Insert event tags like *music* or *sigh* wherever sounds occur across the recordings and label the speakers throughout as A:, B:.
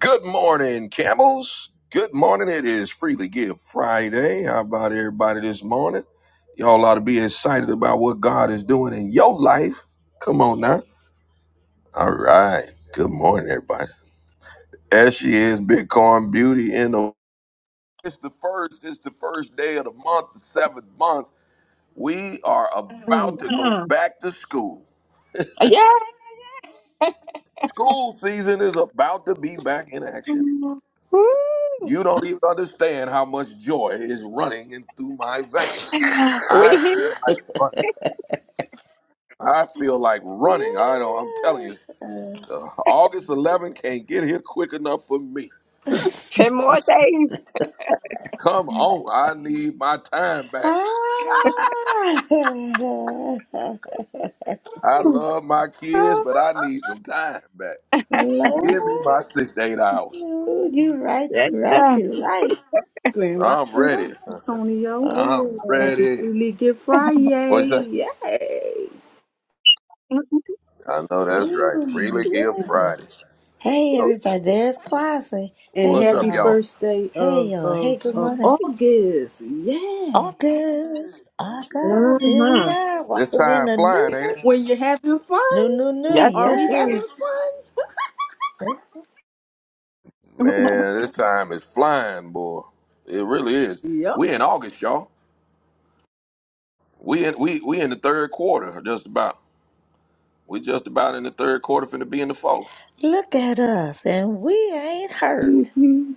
A: Good morning, camels. Good morning. It is Freely Give Friday. How about everybody this morning? Y'all ought to be excited about what God is doing in your life. Come on now. All right. Good morning, everybody. As she is, Bitcoin Beauty in the. It's the first. It's the first day of the month, the seventh month. We are about to go
B: Mhm.
A: back to school.
B: Yeah.
A: School season is about to be back in action.
B: *laughs* Woo.
A: You don't even understand how much joy is running in through my veins.
B: We
A: I
B: here.
A: feel like running. I feel like
C: Ah,
A: running. I don't. I'm telling you,
C: *laughs*
A: uh, August 11th can't get here quick enough for me.
B: Ten more days.
A: Come on, I need my time back.
C: Lord,
A: I
B: Woo.
A: love my kids, but I need some time back. Give me my six to eight hours.
C: Lord, you right,
B: Yeah.
C: you right, you right.
D: Grand
A: I'm
D: Rising, San
A: ready.
D: Antonio.
C: Oh
A: I'm
C: yeah.
D: Happy
A: ready.
D: Freely Give Friday.
A: What's that?
D: Yay.
B: Mm-hmm.
A: I know that's right. Freely
C: Oh
A: Give
D: And
C: yeah.
A: Friday.
C: Hey
A: So,
C: everybody, there's Quasi.
D: and
C: Hey
A: what's up,
D: happy
C: y'all.
A: y'all?
D: first day
C: Hey
D: of,
C: y'all. Hey,
D: of,
C: good
D: of
C: morning.
D: August. Yeah.
C: August. August. Here we are.
A: This
C: Walking in
A: time
C: the
A: flying, ain't it?
D: When
C: newness.
D: you're having fun.
C: New new new,
B: Yes,
D: Are
B: it
D: we
B: is.
D: having
C: yes.
D: fun?
C: Let's
B: *laughs*
A: Man, this time is flying, boy. It really is.
D: Yep.
A: We in August, y'all. We in we we in the third quarter, just about. We just about in the third quarter, finna be in the fourth.
C: Look at us and we ain't hurt.
D: Mhm.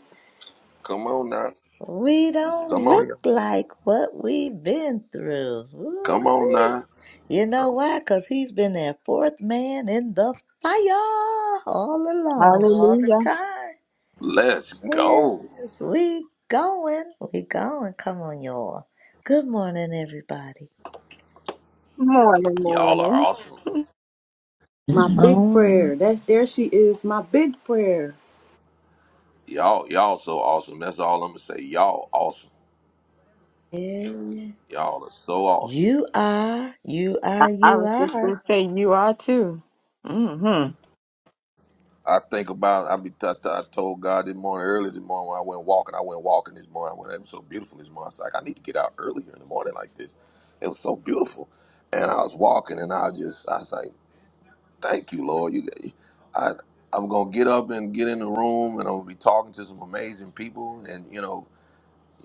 A: Come on now,
C: We don't
A: come on
C: look
A: y'all,
C: like what we've been through.
A: come on
C: Ooh-wee.
A: now.
C: You know why? Because he's been that fourth man in the fire all along, all the
B: Hallelujah.
C: time.
A: Let's go.
C: Yes, we going. We going. Come on, y'all. Good morning, everybody.
B: Morning,
A: Y'all are
B: morning.
A: awesome.
D: *laughs* my big
E: Morning.
D: prayer. That there she is, my big prayer.
A: Y'all y'all so awesome. That's all I'm gonna say. Y'all awesome.
C: Yeah.
A: Y'all are so awesome.
C: You are, you
B: I,
C: are,
B: I
C: you
B: was just
C: are.
B: going to say, you are too. Mm-hmm.
A: I think about I be I I told God this morning early this morning when I went walking. I went walking this morning. When it was so beautiful this morning, I was like, I need to get out earlier in the morning like this. It was so beautiful, and I was walking, and I just I was like. Thank you, Lord. You, I, I'm gonna get up and get in the room, and I'm gonna be talking to some amazing people. And you know,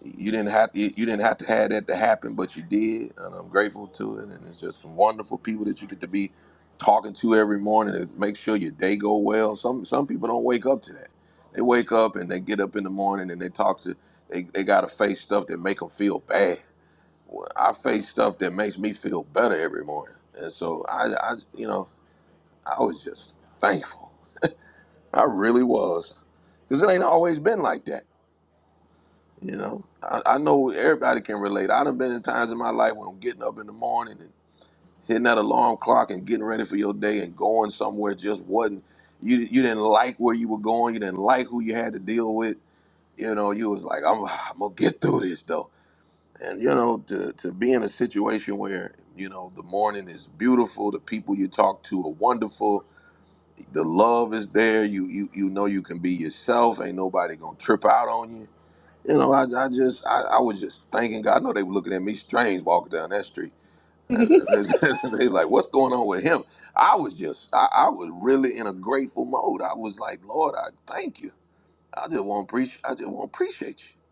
A: you didn't have to, you didn't have to have that to happen, but you did, and I'm grateful to it. And it's just some wonderful people that you get to be talking to every morning to make sure your day go well. Some some people don't wake up to that. They wake up and they get up in the morning and they talk to they they gotta face stuff that make them feel bad. Well, I face stuff that makes me feel better every morning, and so I, I you know. I was just thankful. I really was. Because it ain't always been like that. You know, I, I know everybody can relate. i done been in times in my life when I'm getting up in the morning and hitting that alarm clock and getting ready for your day and going somewhere just wasn't, you, you didn't like where you were going. You didn't like who you had to deal with. You know, you was like, I'm, *sighs* I'm going to get through this though. And, you know, to, to be in a situation where, you know, the morning is beautiful, the people you talk to are wonderful, the love is there. You you you know you can be yourself. Ain't nobody gonna trip out on you. You know, I, I just I, I was just thanking God, I know they were looking at me strange walking down that street. And *laughs* they like, what's going on with him? I was just I, I was really in a grateful mode. I was like, Lord, I thank you. I just want to preach. I just want to appreciate you.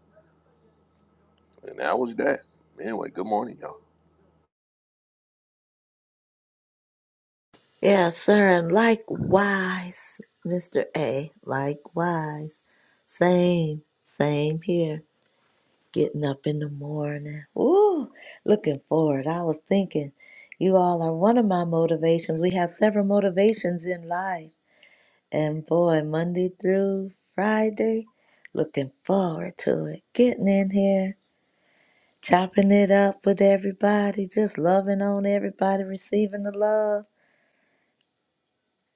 A: And that was that. Anyway, good morning, y'all.
C: Yes, sir. And likewise, Mr. A, likewise. Same, same here. getting up in the morning. Ooh, looking forward. I was thinking, you all are one of my motivations. We have several motivations in life. And boy, Monday through Friday, looking forward to it. Getting in here, chopping it up with everybody, just loving on everybody, receiving the love.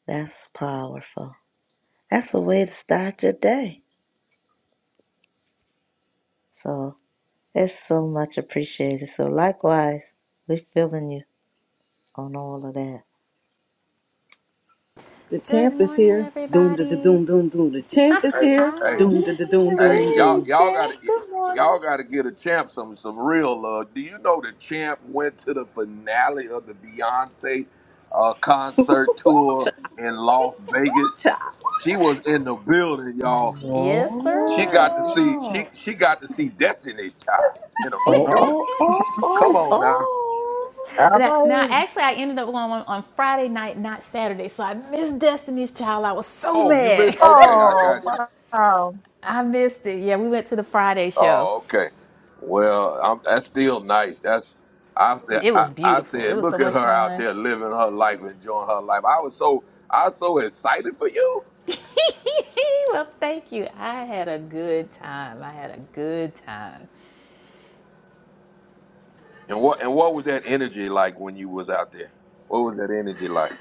C: That's powerful. That's a way to start your day. So it's so much appreciated. So likewise, we're feeling you on all of that.
D: The
F: Good
D: champ is
F: morning,
D: here. Doom da da
F: everybody.
D: doom doom doom. The champ is
A: Hey,
D: here.
C: *laughs*
A: hey,
F: Hi.
D: Doom da da doom
A: Hey,
D: doom
A: y'all,
C: Hey,
D: doom.
A: y'all got to,
C: Jim. Good morning.
A: y'all got to get a champ some some real love. Do you know the champ went to the finale of the Beyonce uh, concert tour
D: Cha
A: in Las Vegas?
D: cha.
A: She was in the building, y'all.
F: Yes,
A: She
C: Whoa.
F: sir.
A: got to see she she got to see Destiny's Child in a
C: Oh,
B: Yeah.
A: reunion.
C: oh, oh, oh,
A: Come on now.
C: oh.
B: All
F: Now, now,
B: right.
F: actually, I ended up going on, on Friday night, not Saturday, so I missed Destiny's Child. I was so
A: Oh, you missed?
F: mad.
A: Okay, I
B: Oh,
A: got you.
B: wow.
F: *laughs* I missed it. Yeah, we went to the Friday show.
A: Oh, okay. Well, I'm, that's still nice. That's I said.
F: It
A: I,
F: was
A: I
F: beautiful. It
A: said,
F: was so
A: look at her
F: much
A: out
F: fun.
A: there living her life, enjoying her life. I was so I was so excited for you.
F: *laughs* well, thank you. I had a good time. I had a good time.
A: And what and what was that energy like when you was out there? What was that energy like?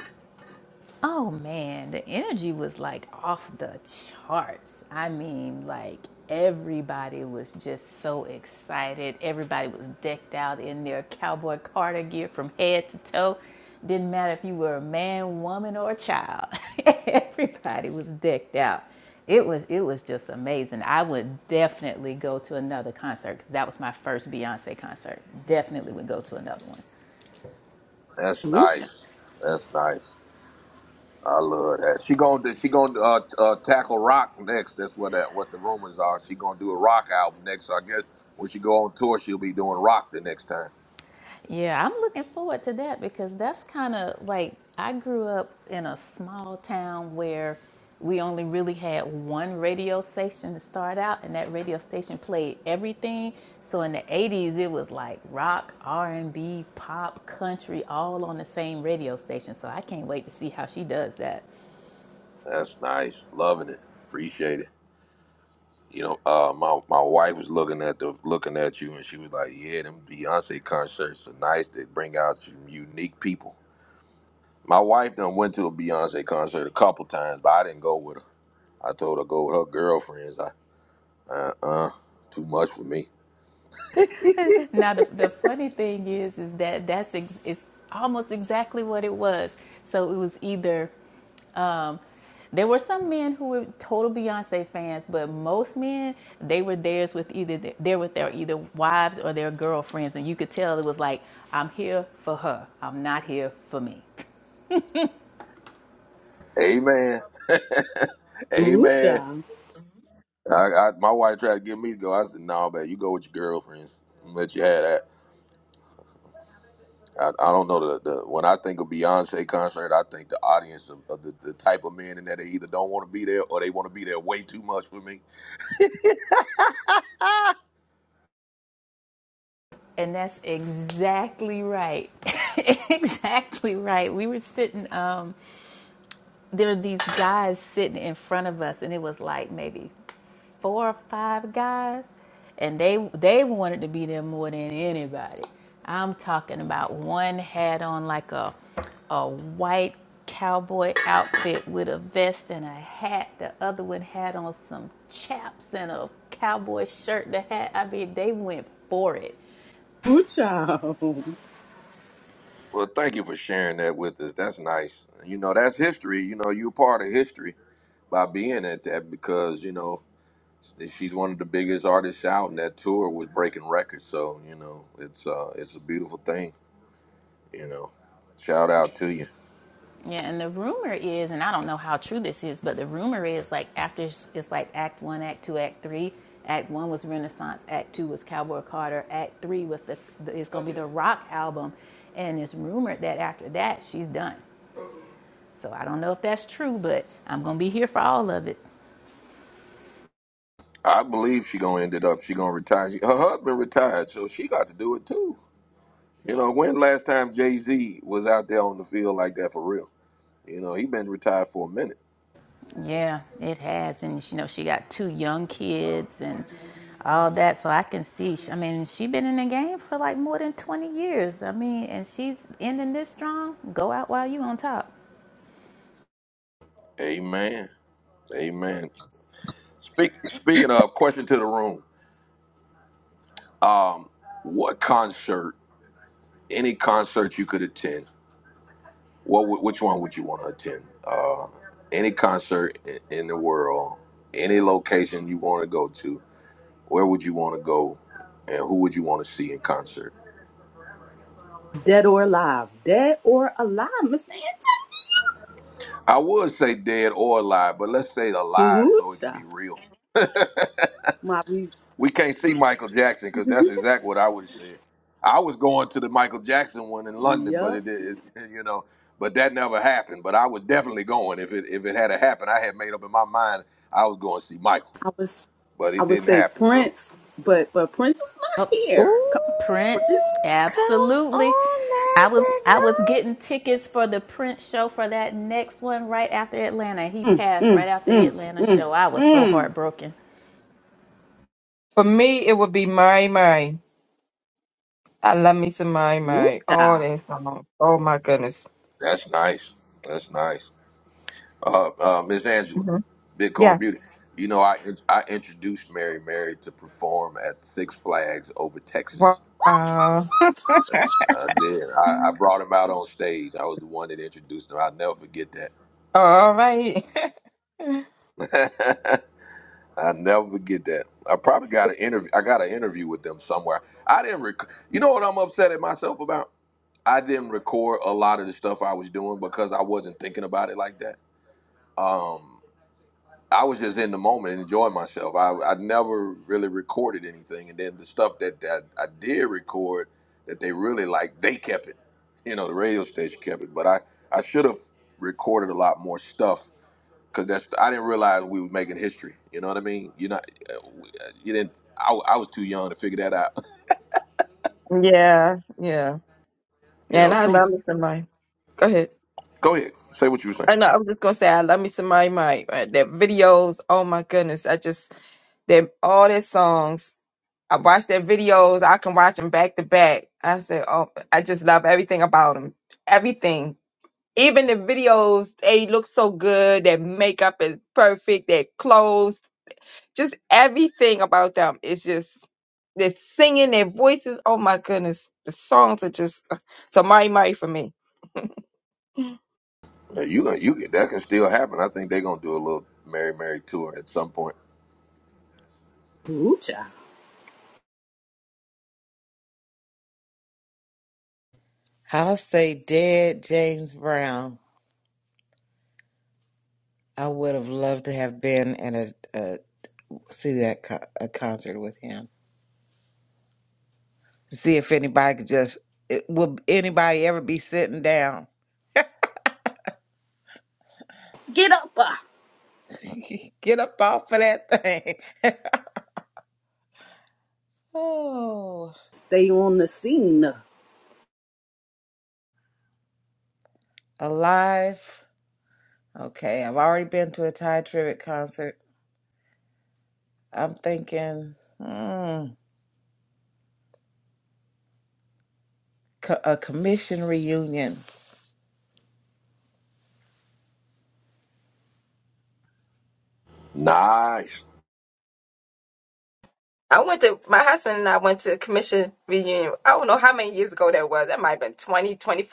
F: Oh man, the energy was like off the charts. I mean, like everybody was just so excited. Everybody was decked out in their cowboy Carter gear from head to toe. Didn't matter if you were a man, woman, or a child. *laughs* everybody was decked out. It was it was just amazing. I would definitely go to another concert because that was my first Beyonce concert. Definitely would go to another one.
A: That's
D: Ooh cha.
A: nice. That's nice. I love that. She gonna she gonna uh, uh, tackle rock next. That's what that what the rumors are. She gonna do a rock album next. So I guess when she go on tour, she'll be doing rock the next time.
F: Yeah, I'm looking forward to that because that's kind of like I grew up in a small town where we only really had one radio station to start out, and that radio station played everything. So in the 80s, it was like rock, R&B, pop, country, all on the same radio station. So I can't wait to see how she does that. *laughs*
A: That's nice. Loving it. Appreciate it. You know, uh, my my wife was looking at the looking at you, and she was like, "Yeah, them Beyonce concerts are nice. They bring out some unique people." My wife done went to a Beyonce concert a couple times, but I didn't go with her. I told her to go with her girlfriends. I uh uh too much for me.
F: Now the, the funny thing is, is that that's ex- it's almost exactly what it was. So it was either There were some men who were total Beyonce fans, but most men they were theirs with either they're with their either wives or their girlfriends, and you could tell it was like, I'm here for her, I'm not here for me.
A: Amen. *laughs*
D: Ooh
A: Amen.
D: cha.
A: I, I my wife tried to get me to go. I said, "No, nah, man, you go with your girlfriends. I'm gonna let you have that." I, I don't know the, the when I think of Beyonce concert, I think the audience of, of the, the type of men in that they either don't want to be there or they want to be there way too much for me.
F: And that's exactly right. *laughs* exactly right. We were sitting, um, there were these guys sitting in front of us, and it was like maybe four or five guys, and they they wanted to be there more than anybody. I'm talking about one had on like a a white cowboy outfit with a vest and a hat. The other one had on some chaps and a cowboy shirt and a hat. I mean, they went for it.
D: Ooh cha. *laughs*
A: Well, thank you for sharing that with us. That's nice. You know, that's history. You know, you're part of history by being at that because you know she's one of the biggest artists out, and that tour was breaking records. So you know, it's uh, it's a beautiful thing. You know, shout out to you.
F: Yeah, and the rumor is, and I don't know how true this is, but the rumor is like after it's like Act One, Act Two, Act Three. Act One was Renaissance, Act Two was Cowboy Carter, Act Three was the, the it's gonna be the rock album, and it's rumored that after that she's done. So I don't know if that's true, but I'm gonna be here for all of it.
A: I believe she gonna end it up. She gonna retire. She, her husband retired, so she got to do it too. You know, when last time Jay Z was out there on the field like that for real? You know, he been retired for a minute.
F: Yeah, it has. And you know, she got two young kids and all that. So I can see, I mean, she been in the game for like more than 20 years. I mean, and she's ending this strong. Go out while you on top.
A: Amen. Amen. Speak, speaking of, question to the room. Um, what concert, any concert you could attend, what would- which one would you want to attend? Uh, any concert in, in the world, any location you want to go to, where would you want to go, and who would you want to see in concert?
D: Dead or alive. Dead or alive, Miss Nancy.
A: I would say dead or alive, but let's say alive so it can be
D: Hoocha.
A: real.
D: My re-
A: We can't see Michael Jackson because that's exactly what I would have said. I was going to the Michael Jackson one in London, but
D: yup.
A: it, it, it you know, but that never happened. But I was definitely going if it if it had happened. I had made up in my mind I was going to see Michael,
D: I was
A: but
D: I
A: it
D: would
A: didn't
D: say
A: happen. So
D: Prince, but but Prince is not
F: Oh,
D: here. Come on,
F: Prince,
D: Prince.
C: Ooh, come
F: absolutely. I was I was
C: on, NASDAQ
F: getting tickets for the Prince show for that next one right after Atlanta. He
D: Mm,
F: passed
D: mm,
F: right after the
D: mm,
F: Atlanta
D: mm,
F: show. I was so
D: mm.
F: heartbroken.
B: For me, it would be My My. I love me some My My. Oh,
D: Hoocha.
B: that song. Oh, my goodness.
A: that's nice. That's nice. Uh, uh, Miss Angela,
B: Mm-hmm.
A: Bitcoin
B: Yes.
A: Beauty. You know, I I introduced Mary Mary to perform at Six Flags over
B: Wow.
A: Texas.
B: *laughs*
A: I did. I, I brought him out on stage. I was the one that introduced him. I'll never forget that
B: All right. *laughs*
A: *laughs* I never forget that. I probably got an interview. I got an interview with them somewhere. I didn't. Rec- you know what I'm upset at myself about? I didn't record a lot of the stuff I was doing because I wasn't thinking about it like that. Um, I was just in the moment and enjoying myself. I, I never really recorded anything, and then the stuff that, that I did record that they really liked, they kept it. You know, the radio station kept it, but I I should have recorded a lot more stuff because that's I didn't realize we was making history. You know what I mean? You know, you didn't. I, I was too young to figure that out. *laughs*
B: Yeah, yeah.
A: You
B: Yeah,
A: know,
B: And I love
A: truth.
B: me some Mai. Go ahead.
A: Go ahead, say what you were saying.
B: I know, I was just gonna say I love me some Mai Mai. Uh, Their videos, oh my goodness. I just they all their songs. I watch their videos, I can watch them back to back. I said, Oh I just love everything about them. Everything. Even the videos, they look so good. Their makeup is perfect. Their clothes. Just everything about them is just they're singing their voices. Oh my goodness, the songs are just uh, so Mari Mari for me. Mm.
A: Now you gonna you that can still happen. I think they're gonna do a little Mary Mary tour at some point.
D: Hoocha.
E: I'll say dead James Brown. I would have loved to have been at a, a see that co- a concert with him. See if anybody could just it, will anybody ever be sitting down?
D: Get up. Uh.
E: *laughs* Get up off of that thing. Oh,
D: Stay on the scene,
E: alive. Okay, I've already been to a Ty Trivet concert. I'm thinking mm, co- a commission reunion.
A: Nice.
B: I went to my husband and I went to a commission reunion. I don't know how many years ago that was. That might have been 20, 25.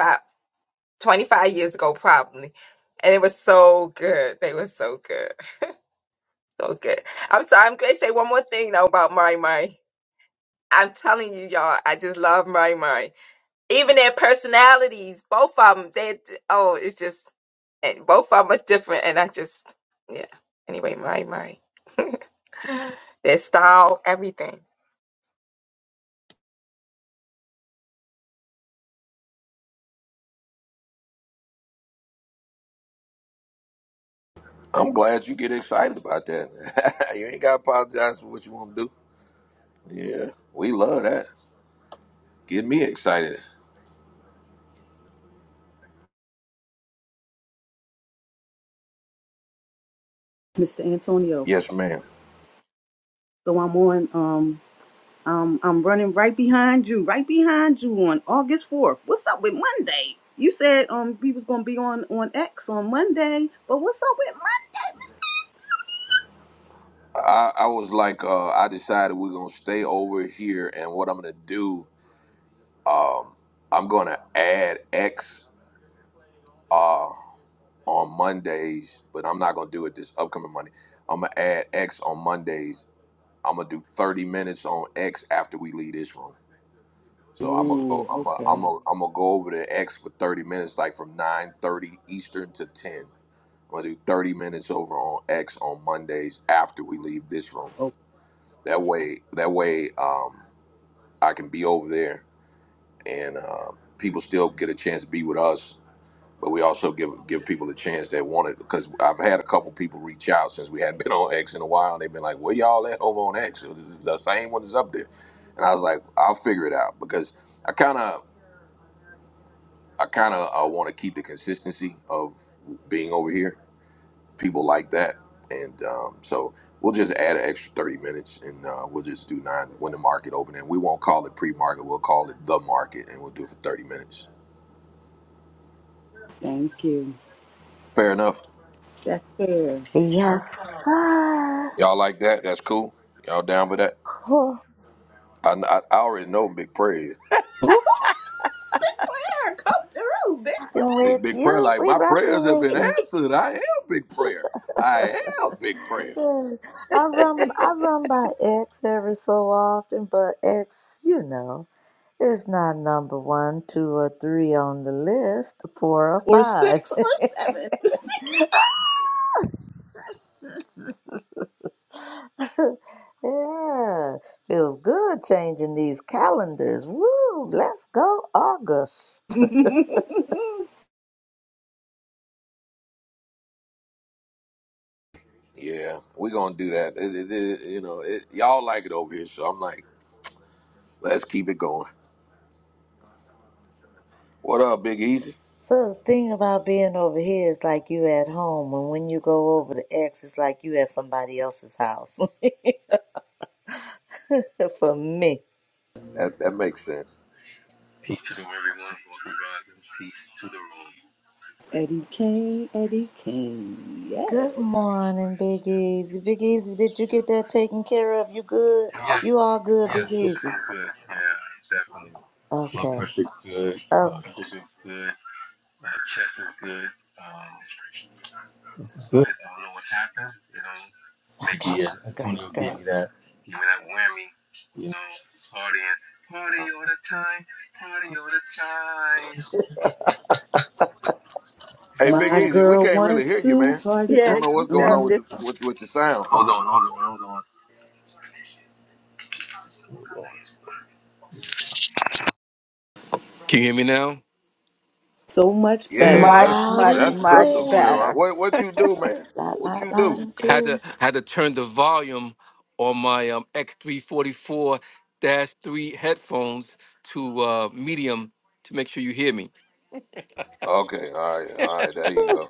B: 25 years ago probably and it was so good they were so good so good i'm sorry i'm going to say one more thing though about my my i'm telling you y'all i just love my my even their personalities both of them they oh it's just and both of them are different and i just yeah anyway my my *laughs* their style everything
A: I'm glad you get excited about that. *laughs* you ain't gotta apologize for what you want to do. Yeah, we love that. Get me excited.
D: Mr. Antonio.
A: Yes, ma'am.
D: So I'm on. um, Um, I'm running right behind you, right behind you on August 4th. What's up with Monday? You said um we was gonna be on on X on Monday, but what's up with Monday,
A: I, I was like, uh, I decided we're gonna stay over here, and what I'm gonna do I'm gonna add X on Mondays, but I'm not gonna do it this upcoming Monday. I'm gonna add X on Mondays. I'm gonna do 30 minutes on X after we leave this room.
D: Mister?
A: So I'm gonna go.
D: Ooh,
A: I'm gonna. I'm
D: okay.
A: gonna. I'm gonna go over to X for 30 minutes, like from 9:30 Eastern to 10. I'm gonna do 30 minutes over on X on Mondays after we leave this room.
D: Oh,
A: That way. That way. Um, I can be over there, and uh, people still get a chance to be with us but we also give give people a chance that want it because I've had a couple people reach out since we hadn't been on X in a while, and they've been like, "Where y'all at over on X? This is the same one that's up there." And I was like, "I'll figure it out," because I kind of I kind of uh, want to keep the consistency of being over here. People like that, and um, so we'll just add an extra thirty minutes, and uh, we'll just do nine when the market open, and we won't call it pre-market. We'll call it the market, and we'll do it for thirty minutes.
D: thank you.
A: Fair enough.
D: That's fair.
C: notes. Yes, sir.
A: Y'all like that? That's cool. Y'all down for that?
C: Cool.
A: I, I, I already know big prayer.
D: Ooh, *laughs* that's fair. Come through, bitch.
C: Rocking
A: Big,
C: with
A: big prayer,
C: you.
A: like
C: We
A: my
C: rocking
A: prayers have
C: with
A: been
C: you.
A: answered. I am big prayer. I am big prayer.
C: Yeah. I run, I run by X every so often, but X, you know, is not number one, two, or three on the list, four or
D: Or
C: five.
D: six
C: *laughs*
D: or seven.
C: Yeah, feels good changing these calendars. Woo, let's go August. *laughs*
D: *laughs*
A: Yeah, we're gonna do that. It, it, it- you know, it, y'all like it over here, so I'm like, let's keep it going. What up, Big Easy?
C: So the thing about being over here is like you at home, and when you go over to X, it's like you at somebody else's house. *laughs* For me.
A: That that makes sense.
D: Eddie Kane, Eddie Kane, yeah.
C: Good morning, Big Easy. Big Easy, did you get that taken care of? You good? You all good, Big Easy? Okay, okay, okay. Great, great.
A: Hey, Big
D: My
A: Easy, we
D: girl
A: can't really
D: wants
A: hear you,
D: to
A: man. I
D: party. Uh
B: Yeah,
A: don't know
B: you
A: what's going
D: huh.
A: on
B: sound
A: with the
B: different.
A: with with the sound.
G: Can you hear me now?
D: So much
C: *laughs*
D: better.
A: Yeah, that's
B: Much,
C: Loud
A: cr-
B: much,
C: and
A: that's
B: much
A: crystal clear.
C: clear.
B: better.
A: What what you do, man?
C: Loud,
A: What
C: loud,
A: you
C: loud
A: do?
C: and
G: I had
C: clear.
G: to I had to turn the volume on my um, X344 3 forty four three headphones to uh, medium to make sure you hear me.
A: Okay, all right, all right. There you go.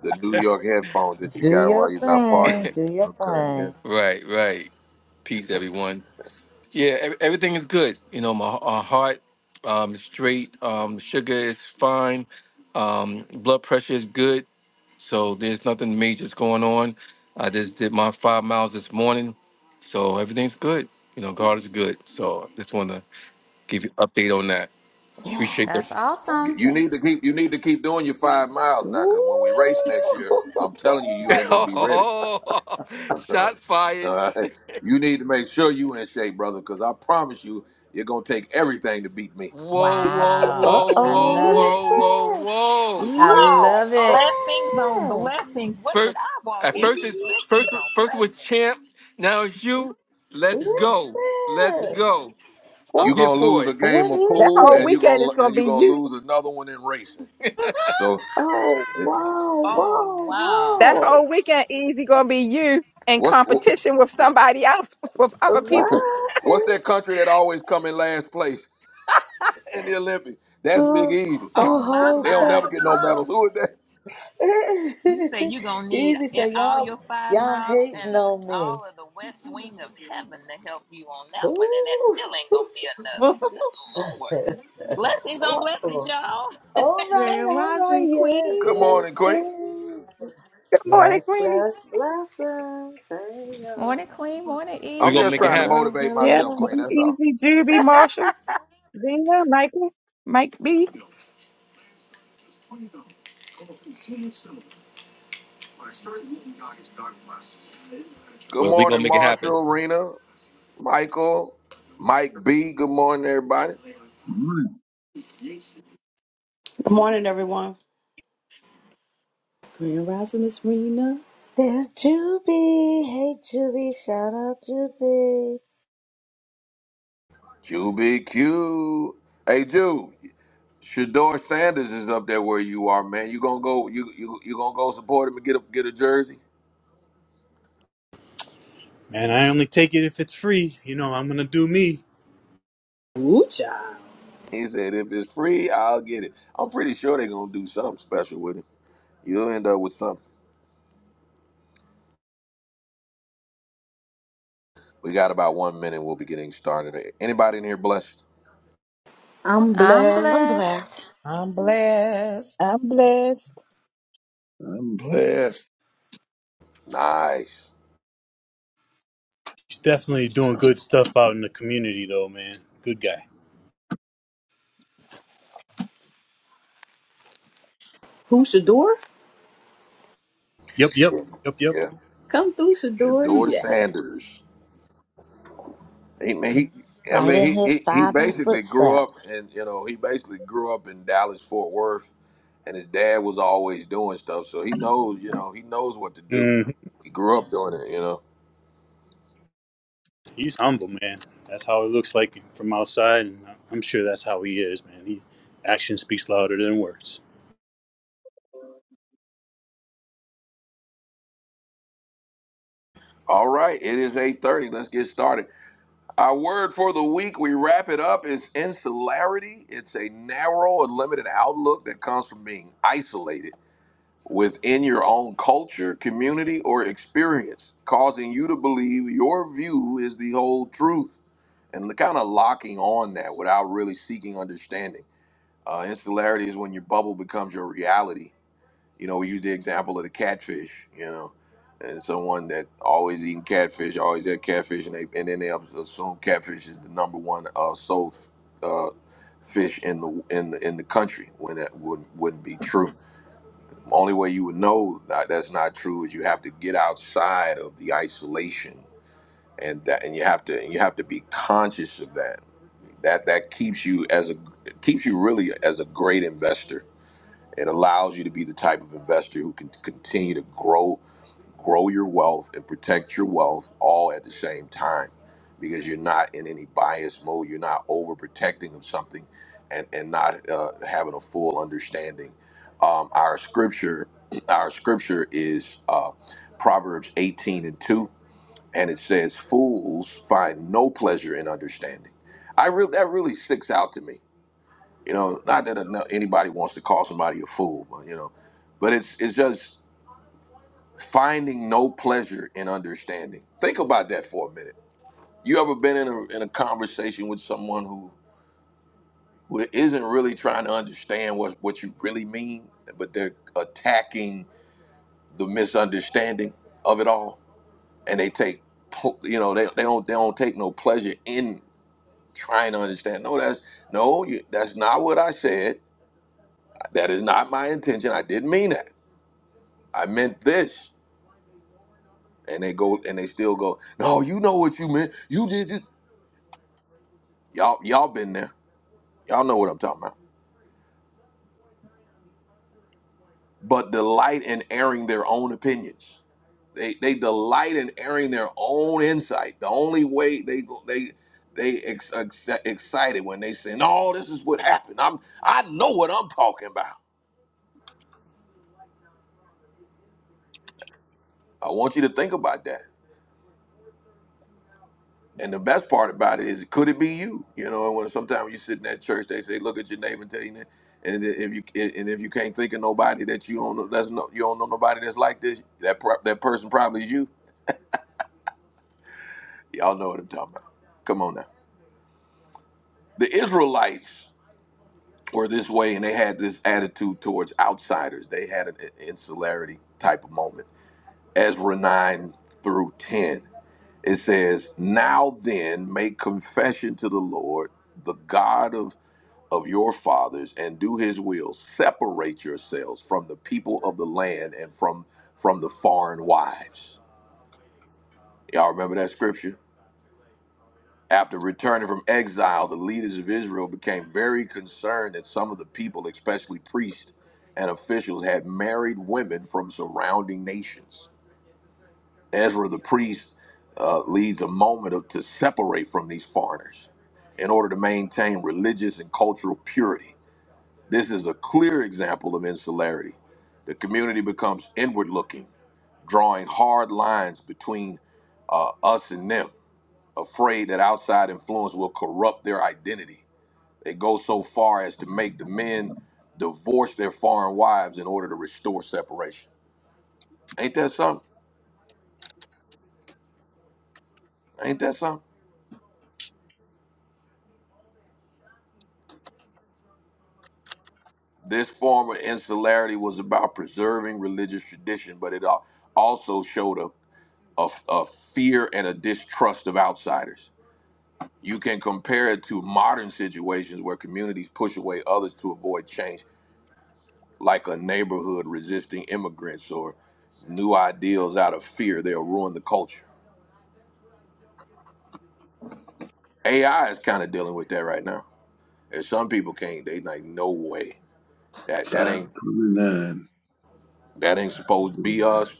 A: The New York headphones that you
C: Do
A: got
C: your
A: while you was out
G: *laughs*
C: thing.
A: partying.
C: Do your
A: Okay, yeah.
C: thing.
G: right, right. Peace, everyone. Yeah, ev- everything is good. You know, my uh, heart um, is straight. Um, sugar is fine. Um, blood pressure is good. So there's nothing major that's going on. I just did my five miles this morning. So everything's good. You know, God is good. So just want to give you update on that. Appreciate that.
F: That's
C: Yes.
F: awesome.
A: You need to keep you need to keep doing your five miles now,
C: Woo!
A: cause when we race next year, I'm
C: *laughs*
A: telling you, you
G: *laughs*
A: ain't gonna be ready.
G: oh,
A: *laughs* All
G: shots fired.
A: right. You need to make sure you in shape, brother, cause I promise you, you're gonna take everything to beat me.
G: Whoa, whoa,
C: Uh
F: Wow.
G: whoa,
F: I
G: whoa,
F: love
C: oh,
G: whoa,
F: it.
G: whoa,
C: listen.
G: whoa.
C: Listen.
F: I
H: Oh,
F: love it.
H: blessings on blessings. What did
G: First,
H: I walk
G: at first
H: into?
G: it's
H: Blessings
G: first
H: on
G: first it was
H: blessings.
G: champ. Now it's you. Let's go. Let's
C: Listen.
G: go. I'm
C: What
A: You're
G: here
A: gonna
G: for
A: lose a
G: it.
A: game
C: what
A: of
B: That
C: is
A: pool,
B: whole
A: and
C: this?
A: you're
B: weekend is
A: gonna
B: gonna
A: and you
B: be
A: gonna
B: you.
A: lose another one in racing. So,
C: Oh
A: eh,
C: wow,
H: Oh,
C: wow,
H: wow.
B: That whole weekend easy gonna be you in
A: what's wh-
B: competition with somebody else, *laughs* with
C: wow.
B: other
A: *laughs*
B: people.
A: wh- what's
C: Right.
A: that country that always come in last place *laughs* in the Olympics? That's Big
C: Oh.
A: Easy.
H: Oh,
C: a
H: my,
C: whole
A: They don't
H: my.
A: never get
C: country.
A: no medals. Who is
H: You say
C: *laughs*
H: you're going to need
C: Easy
H: it-
C: say
H: all
C: y'all
H: your five
C: y'all
H: miles and
C: hating on me.
H: all of the west wing of heaven to help you on that
C: Ooh.
H: one. And that still ain't going to
D: *laughs*
H: be enough. Good Lord. Blessings on
C: Oh,
H: blessings, y'all.
C: all right,
D: Grand
C: all right,
D: Rising
C: yes,
A: Good
D: Queen.
A: morning, Queen.
C: blessings.
B: Good morning,
C: Bless,
B: Queenie.
C: bless, blessings. Hey, y'all.
F: Morning, Queen. Morning,
G: We're
A: I'm
F: Easy.
G: gonna
A: just
G: make it
A: trying to
G: happen.
C: Hello,
A: motivate
B: Yeah,
A: myself,
C: hello.
A: Queen.
B: morning,
A: That's all.
B: easy, Juby, Marshall, Zena, Michael, Mike B.
A: Good
G: Well, we're
A: morning,
G: gonna make it happen.
A: Marshall, Rena, Michael, Mike B. Good morning, everybody.
I: Morning.
J: Good morning, everyone.
D: Grand Rising Miss Rena.
C: There's Juby. Hey, Juby. Shout out, Juby.
A: Juby Q. Hey, Jude. Shador Sanders is up there where you are, man. You gonna go? You you you gonna go support him and get a get a jersey?
K: Man, I only take it if it's free. You know, I'm gonna do me.
D: Ooh, child.
A: He said, if it's free, I'll get it. I'm pretty sure they're gonna do something special with him. You'll end up with something. We got about one minute. We'll be getting started. Anybody in here blessed?
D: I'm
F: I'm
D: blessed.
C: I'm
F: blessed.
C: blessed.
E: I'm blessed.
B: I'm blessed.
I: I'm blessed.
A: Nice.
K: He's definitely doing good stuff out in the community, though, man. Good guy.
D: Who, Shador?
K: Yep, yep,
A: Yeah.
K: yep, yep.
A: Yeah.
D: Come through, Shador.
A: George
D: Yeah.
A: Sanders. He, he, I
C: Right
A: mean,
C: in
A: he,
C: his
A: he, he
C: father's
A: basically grew up
C: footsteps.
A: and you know he basically grew up in Dallas Fort Worth, and his dad was always doing stuff, so he knows you know he knows what to do.
K: hmm
A: He grew up doing it, you know.
K: He's humble, man. That's how it looks like from outside, and I'm sure that's how he is, man. He action speaks louder than words.
A: All right, it is eight thirty. Let's get started. Our word for the week, we wrap it up, is insularity. It's a narrow and limited outlook that comes from being isolated within your own culture, community, or experience, causing you to believe your view is the whole truth and kind of locking on that without really seeking understanding. Uh, insularity is when your bubble becomes your reality. You know, we use the example of the catfish, you know, and someone that always eating catfish, always had catfish, and, they, and then they assume catfish is the number one uh, sold uh, fish in the in the in the country when that wouldn't wouldn't be true only way you would know that that's not true is you have to get outside of the isolation, and that and you have to and you have to be conscious of that. That that keeps you as a keeps you really as a great investor. It allows you to be the type of investor who can continue to grow grow your wealth and protect your wealth all at the same time because you're not in any bias mode you're not overprotecting of something and and not uh, having a full understanding um, our scripture *clears throat* our scripture is uh, proverbs 18 and 2 and it says fools find no pleasure in understanding i really that really sticks out to me you know not that ano- anybody wants to call somebody a fool but you know but it's it's just finding no pleasure in understanding. Think about that for a minute. You ever been in a, in a conversation with someone who, who isn't really trying to understand what, what you really mean, but they're attacking the misunderstanding of it all? And they take, pl- you know, they, they don't they don't take no pleasure in trying to understand. No, that's no, you, that's not what I said. That is not my intention. I didn't mean that. I meant this and they go and they still go no you know what you meant you did this." Y'all, y'all been there. Y'all know what I'm talking about. But delight in airing their own opinions. They they delight in airing their own insight. The only way they they they ex, ex, excited when they say, "No, this is what happened. I'm I know what I'm talking about." I want you to think about that. And the best part about it is, could it be you? You know, and when sometimes you sit in that church, they say, "Look at your neighbor and tell you." that." And if you and if you can't think of nobody that you don't know, that's no, you don't know nobody that's like this. That pro- that person probably is you Y'all know what I'm talking about. Come on now. The Israelites were this way, and they had this attitude towards outsiders. They had an insularity type of moment. Ezra 9 through 10, it says, Now then, make confession to the Lord, the God of, of your fathers, and do his will. Separate yourselves from the people of the land and from, from the foreign wives. Y'all remember that scripture? After returning from exile, the leaders of Israel became very concerned that some of the people, especially priests and officials, had married women from surrounding nations. Ezra the priest uh, leads a moment of, to separate from these foreigners in order to maintain religious and cultural purity. This is a clear example of insularity. The community becomes inward looking, drawing hard lines between uh, us and them afraid that outside influence will corrupt their identity. They go so far as to make the men divorce their foreign wives in order to restore separation. Ain't that something? Ain't that something? This form of insularity was about preserving religious tradition, but it al- also showed a, a, a fear and a distrust of outsiders. You can compare it to modern situations where communities push away others to avoid change like a neighborhood resisting immigrants or new ideals out of fear. They'll ruin the culture. AI is kind of dealing with that right now. And some people can't. They like, no way. That that ain't
I: 529.
A: that ain't supposed to be us.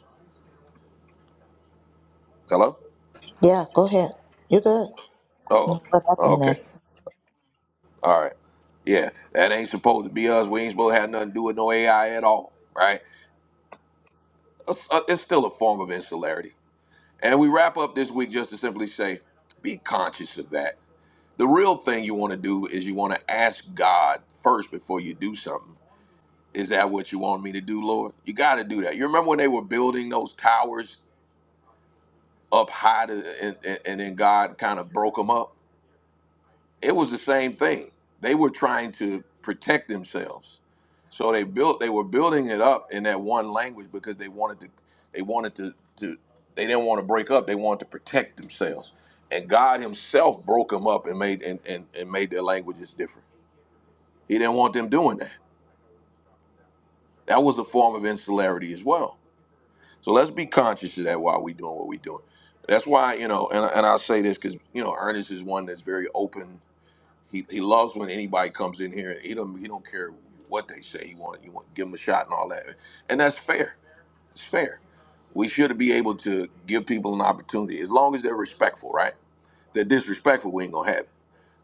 A: Hello.
C: Yeah, go ahead. You're good.
A: Oh.
C: Mm, What
A: oh,
C: happened
A: Okay.
C: there?
A: All right. Yeah. That ain't supposed to be us. We ain't supposed to have nothing to do with no AI at all. Right. It's uh, it's still a form of insularity. And we wrap up this week just to simply say, be conscious of that The real thing you want to do is you want to ask God first before you do something. Is that what you want me to do, Lord? You got to do that. You remember when they were building those towers up high to, and, and, and then God kind of broke them up? It was the same thing. They were trying to protect themselves. So they built they were building it up in that one language because they wanted to they wanted to, to they didn't want to break up. They wanted to protect themselves. And God himself broke them up and made and, and, and made their languages different. He didn't want them doing that. That was a form of insularity as well. So let's be conscious of that while we're doing what we're doing. That's why, you know, and, and I'll say this because, you know, Ernest is one that's very open. He, he loves when anybody comes in here. He don't, he don't care what they say. He want, you want give them a shot and all that. And that's fair. It's fair. We should be able to give people an opportunity as long as they're respectful, right? If they're disrespectful, we ain't going to have it.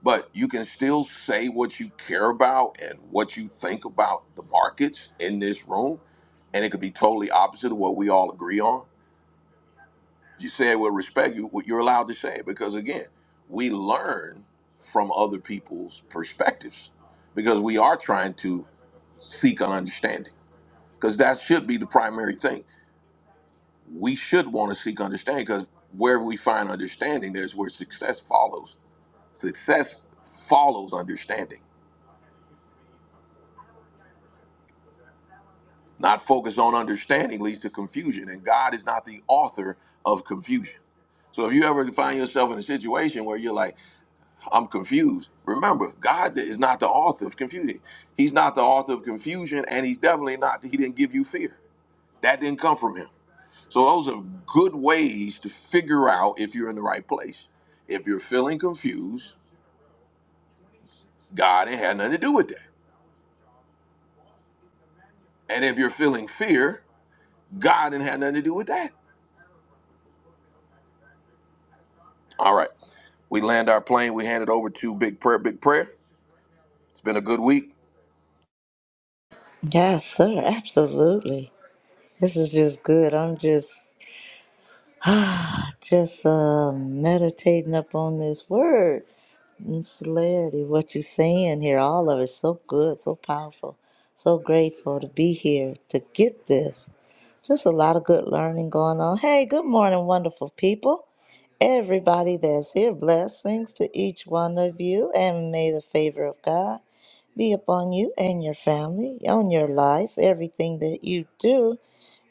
A: but you can still say what you care about and what you think about the markets in this room and it could be totally opposite of what we all agree on If you say it with respect you you're allowed to say it because again we learn from other people's perspectives because we are trying to seek an understanding because that should be the primary thing we should want to seek understanding because wherever we find understanding there's where success follows success follows understanding Not focused on understanding leads to confusion, and God is not the author of confusion. So if you ever find yourself in a situation where you're like, I'm confused, remember, God is not the author of confusion. He's not the author of confusion, and he's definitely not, he didn't give you fear. That didn't come from him. So those are good ways to figure out if you're in the right place. If you're feeling confused, God ain't had nothing to do with that. And if you're feeling fear, God ain't had nothing to do with that. All right. We land our plane. We hand it over to Big Prayer. Big Prayer. It's been a good week.
C: Yes, sir. Absolutely. This is just good. I'm just, *sighs* just uh, meditating upon this word. Clarity, what you're saying here, all of it, so good, so powerful, so grateful to be here to get this. Just a lot of good learning going on. Hey, good morning, wonderful people. Everybody that's here, blessings to each one of you, and may the favor of God be upon you and your family, on your life, everything that you do.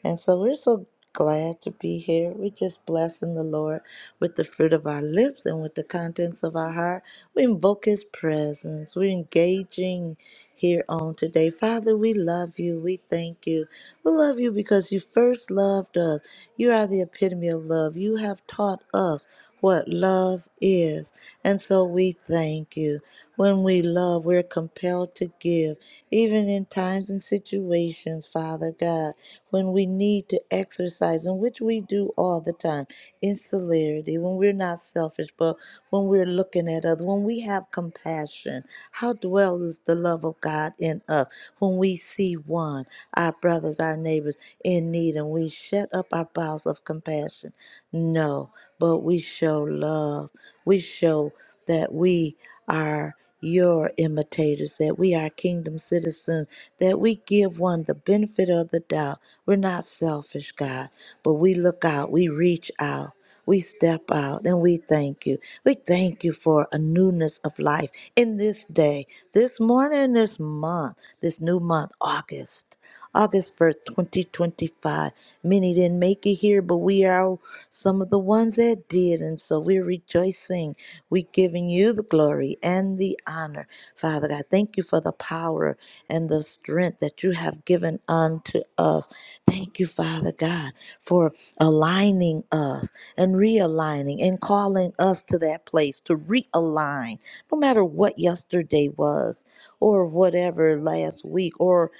C: And so we're so glad to be here. We're just blessing the Lord with the fruit of our lips and with the contents of our heart. We invoke His presence. We're engaging here on today. Father, we love you. We thank you. We love you because you first loved us. You are the epitome of love. You have taught us what love is. And so we thank you. When we love, we're compelled to give, even in times and situations, Father God, when we need to exercise exercising, which we do all the time in solidarity, when we're not selfish, but when we're looking at others, when we have compassion, how dwells the love of God in us when we see one, our brothers, our neighbors in need, and we shut up our bowels of compassion? No, but we show love. We show that we are your imitators, that we are kingdom citizens, that we give one the benefit of the doubt. We're not selfish, God, but we look out, we reach out. We step out and we thank you. We thank you for a newness of life in this day, this morning, this month, this new month, August. August 1st, 2025. Many didn't make it here, but we are some of the ones that did. And so we're rejoicing. We're giving you the glory and the honor. Father God, thank you for the power and the strength that you have given unto us. Thank you, Father God, for aligning us and realigning and calling us to that place to realign, no matter what yesterday was or whatever last week or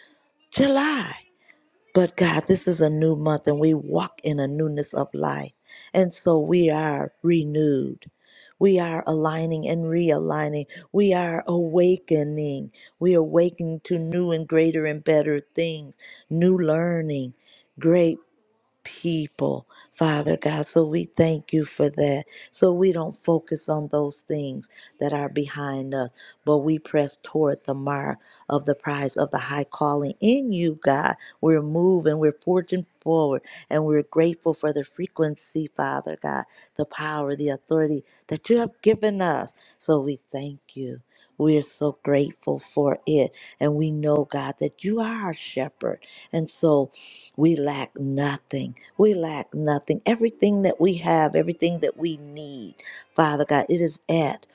C: July. But God, this is a new month and we walk in a newness of life. And so we are renewed. We are aligning and realigning. We are awakening. We are awakening to new and greater and better things, new learning, great people, Father God. So we thank you for that. So we don't focus on those things that are behind us, but we press toward the mark of the prize of the high calling in you, God. We're moving, we're forging forward, and we're grateful for the frequency, Father God, the power, the authority that you have given us. So we thank you. We are so grateful for it. And we know, God, that you are our shepherd. And so we lack nothing. We lack nothing. Everything that we have, everything that we need, Father God, it is at.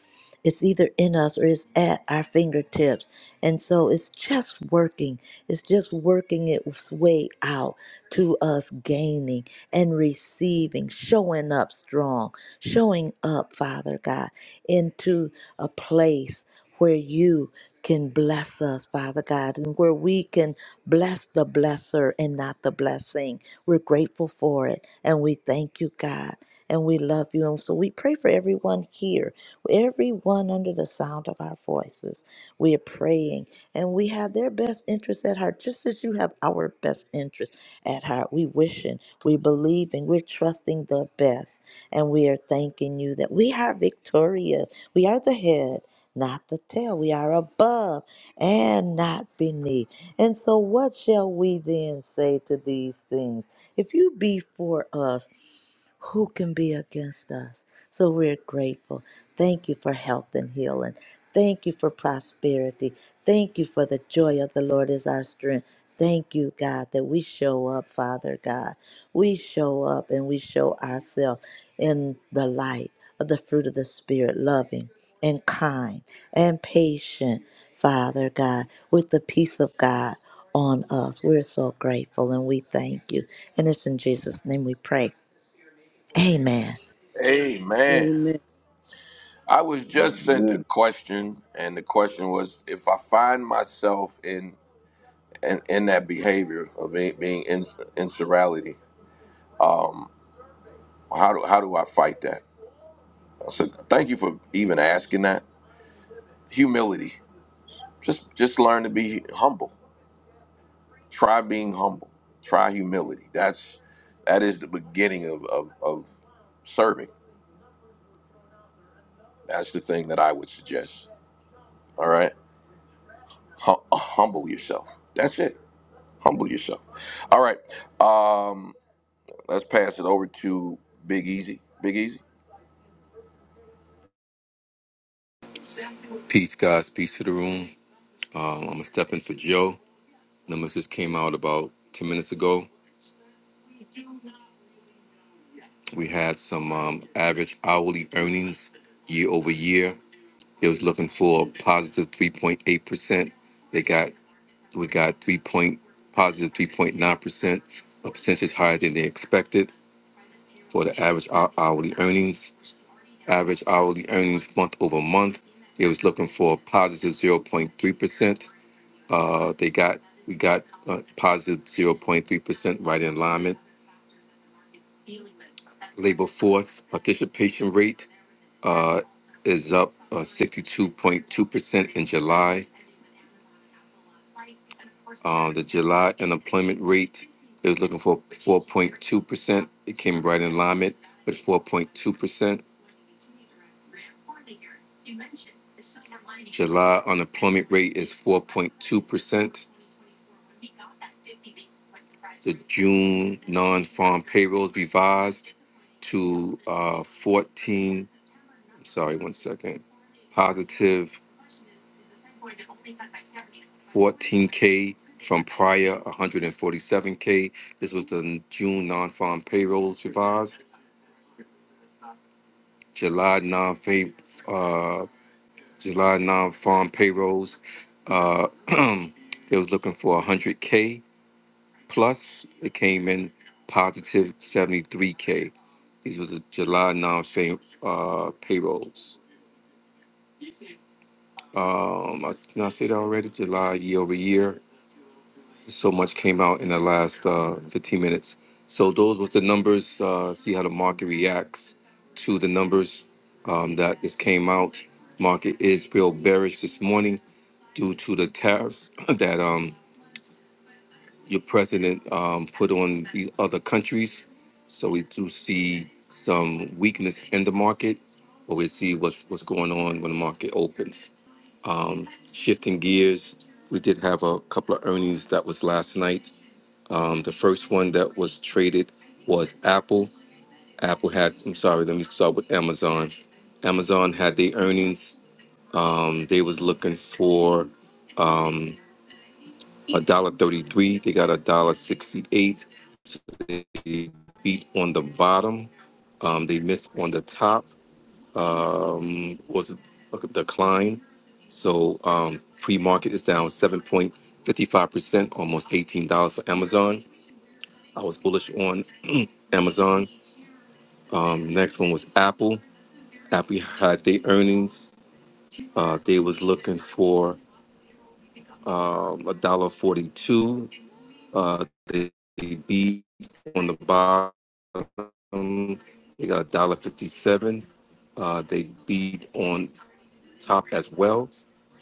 C: It's either in us or it's at our fingertips. And so it's just working. It's just working its way out to us gaining and receiving, showing up strong, showing up, Father God, into a place where you can bless us, Father God, and where we can Bless the blesser and not the blessing. We're grateful for it and we thank you, God, and we love you. And so we pray for everyone here, everyone under the sound of our voices. We are praying and we have their best interest at heart, just as you have our best interest at heart. We wishing, we believing, we're trusting the best, and we are thanking you that we are victorious. We are the head, not the tail. We are above and not beneath. And so, what shall we then say to these things? If you be for us, who can be against us? So we're grateful. Thank you for health and healing. Thank you for prosperity. Thank you for the joy of the Lord is our strength. Thank you, God, that we show up, Father God. We show up and we show ourselves in the light of the fruit of the Spirit, loving and kind and patient, Father God, with the peace of God on us. We're so grateful and we thank you. And it's in Jesus' name we pray. Amen.
A: Amen.
D: Amen.
A: I was just sent a question, and the question was if I find myself in in, in that behavior of it being in, insurality, how do how do I fight that? So thank you for even asking that. Humility. Just just learn to be humble. Try being humble. Try humility. That's that is the beginning of of, of serving That's the thing that I would suggest. All right, Hum- humble yourself. That's it. Humble yourself. All right. Um, let's pass it over to Big Easy. Big Easy.
G: Peace, guys. Peace to the room. Um, I'm gonna step in for Joe. Numbers just came out about 10 minutes ago. We had some um, average hourly earnings year over year. They was looking for a 3.8%. They got we got 3 point 3.9%, a percentage higher than they expected for the average hou- hourly earnings. Average hourly earnings month over month, they was looking for a 0.3%. Uh, they got we got uh, 0.3% right in alignment. Labor force participation rate uh, is up uh, 62.2% in July Uh, the July unemployment rate is looking for 4.2%. It came right in alignment with 4.2%. July unemployment rate is 4.2%. The June non-farm payrolls revised to uh, 14, sorry, one second, positive 14K from prior 147K. This was the June non-farm payrolls revised. July non-fa- uh, July non-farm payrolls. Uh, *clears throat* they was looking for 100K plus. It came in positive 73K. These was the July non farm uh, payrolls. Um, I- did I say that already? July year over year. So much came out in the last uh, 15 minutes. So those was the numbers. Uh, see how the market reacts to the numbers um, that just came out. Market is real bearish this morning due to the tariffs *coughs* *clears throat* that um, your president um, put on these other countries. So we do see some weakness in the market, but we see what's what's going on when the market opens. Um, shifting gears, we did have a couple of earnings that was last night. Um, the first one that was traded was Apple. Apple had, I'm sorry, let me start with Amazon. Amazon had the earnings. Um, they was looking for um, a dollar thirty-three. They got $1.68. They beat on the bottom. Um, they missed on the top. Um, was a decline. So um, pre-market is down 7.55%, almost $18 for Amazon. I was bullish on *clears throat* Amazon. Um, next one was Apple. Apple had their earnings. Uh, they was looking for um, a dollar forty-two. Uh, they beat on the bottom. They got a dollar fifty-seven. Uh, they beat on top as well.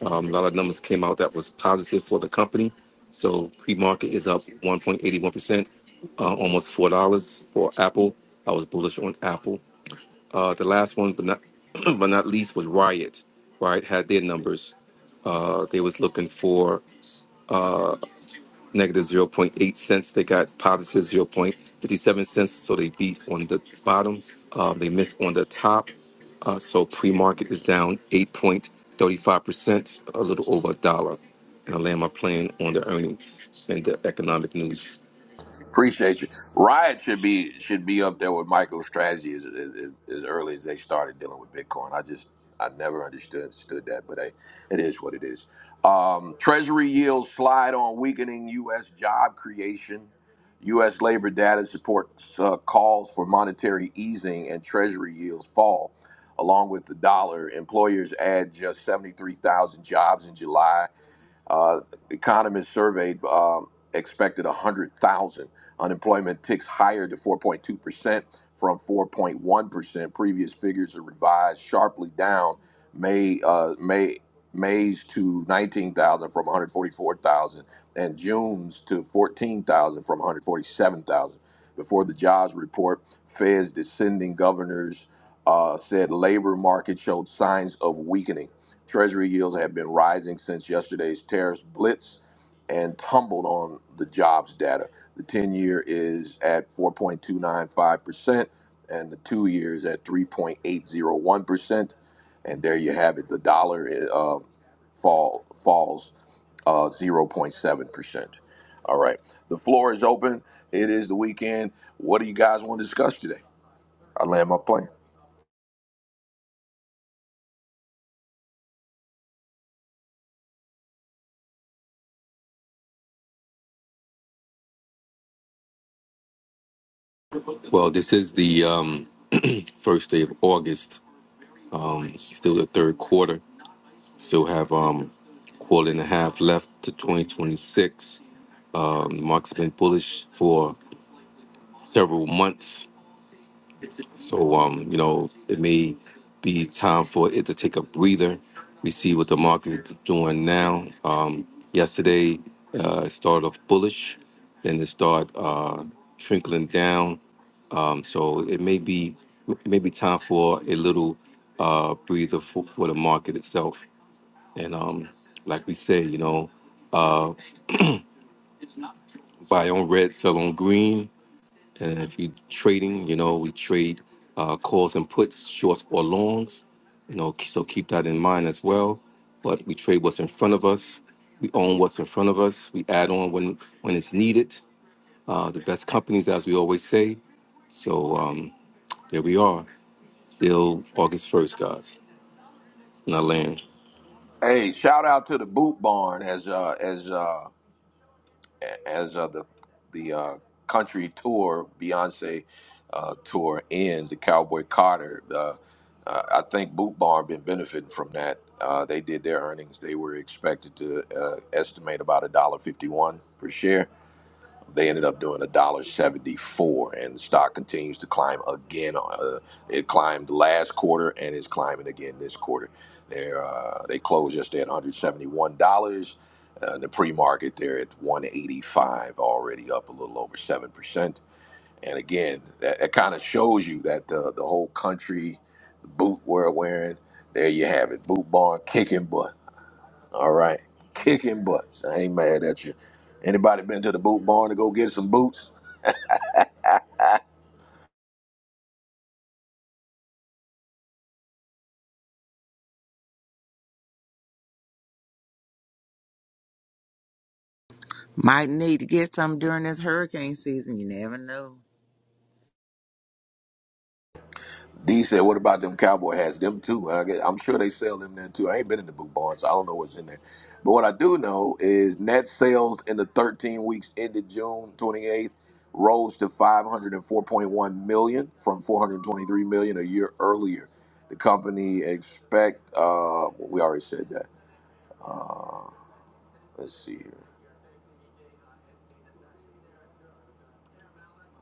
G: Um, a lot of numbers came out that was positive for the company. So pre-market is up one point eighty-one percent, uh, almost four dollars for Apple. I was bullish on Apple. Uh, the last one, but not *clears throat* but not least, was Riot. Riot had their numbers. Uh, they was looking for uh, negative zero point eight cents. They got positive zero point fifty seven cents. So they beat on the bottom. Uh, they missed on the top. Uh, so pre market is down eight point thirty five percent, a little over a dollar. And I land my plane on the earnings and the economic news.
A: Appreciate you. Riot should be should be up there with micro strategy as, as, as early as they started dealing with Bitcoin. I just I never understood understood that, but hey, it is what it is. Um, Treasury yields slide on weakening U.S. job creation. U.S. labor data supports uh, calls for monetary easing, and Treasury yields fall. Along with the dollar, employers add just 73,000 jobs in July uh, economists surveyed um, expected 100,000. Unemployment ticks higher to 4.2% from 4.1%. Previous figures are revised sharply down May uh, May May's to 19,000 from 144,000 and June's to 14,000 from 147,000. Before the jobs report, Fed's descending governors uh, said labor market showed signs of weakening Treasury yields have been rising since yesterday's tariffs blitz and tumbled on the jobs data. The 10 year is at 4.295%, and the two year is at 3.801%. And there you have it. The dollar uh, fall falls uh, 0.7%. All right. The floor is open. It is the weekend. What do you guys want to discuss today? I land my plane.
G: Well, this is the um, first day of August. Um, still the third quarter. Still have um quarter and a half left to 2026. Um, the market's been bullish for several months, so um you know it may be time for it to take a breather. We see what the market is doing now. Um, yesterday uh, it started off bullish, then it started uh, trickling down. Um, so it may be it may be time for a little uh, breather for, for the market itself. And um, like we say, you know, uh, buy on red, sell on green. And if you're trading, you know, we trade uh, calls and puts, shorts or longs. You know, so keep that in mind as well. But we trade what's in front of us. We own what's in front of us. We add on when when it's needed. Uh, the best companies, as we always say. So um, there we are. Still August first, guys. Now land.
A: Hey, shout out to the Boot Barn as uh, as uh, as uh, the the uh, country tour, Beyonce uh, tour ends, the Cowboy Carter. Uh, uh, I think Boot Barn been benefiting from that. Uh, they did their earnings. They were expected to uh, estimate about a dollar fifty-one per share they ended up doing a dollar seventy four, and the stock continues to climb again. Uh, it climbed last quarter and is climbing again this quarter. They uh, they closed yesterday at one hundred seventy one dollars. Uh, the pre market, they're at one eighty five, already up a little over seven percent. And again, that, that kind of shows you that the the whole country, the boot we're wearing, there you have it, boot barn kicking butt all right. *laughs* Kicking butts. I ain't mad at you. Anybody been to the boot barn to go get some boots?
E: Might need to get some during this hurricane season. You never know.
A: D said, what about them cowboy hats? Them too. huh? I get, I'm sure they sell them there too. I ain't been in the boot barn, so I don't know what's in there. But what I do know is net sales in the 13 weeks ended June 28th rose to 504.1 million from 423 million a year earlier. The company expect, uh, we already said that. Uh, let's see here.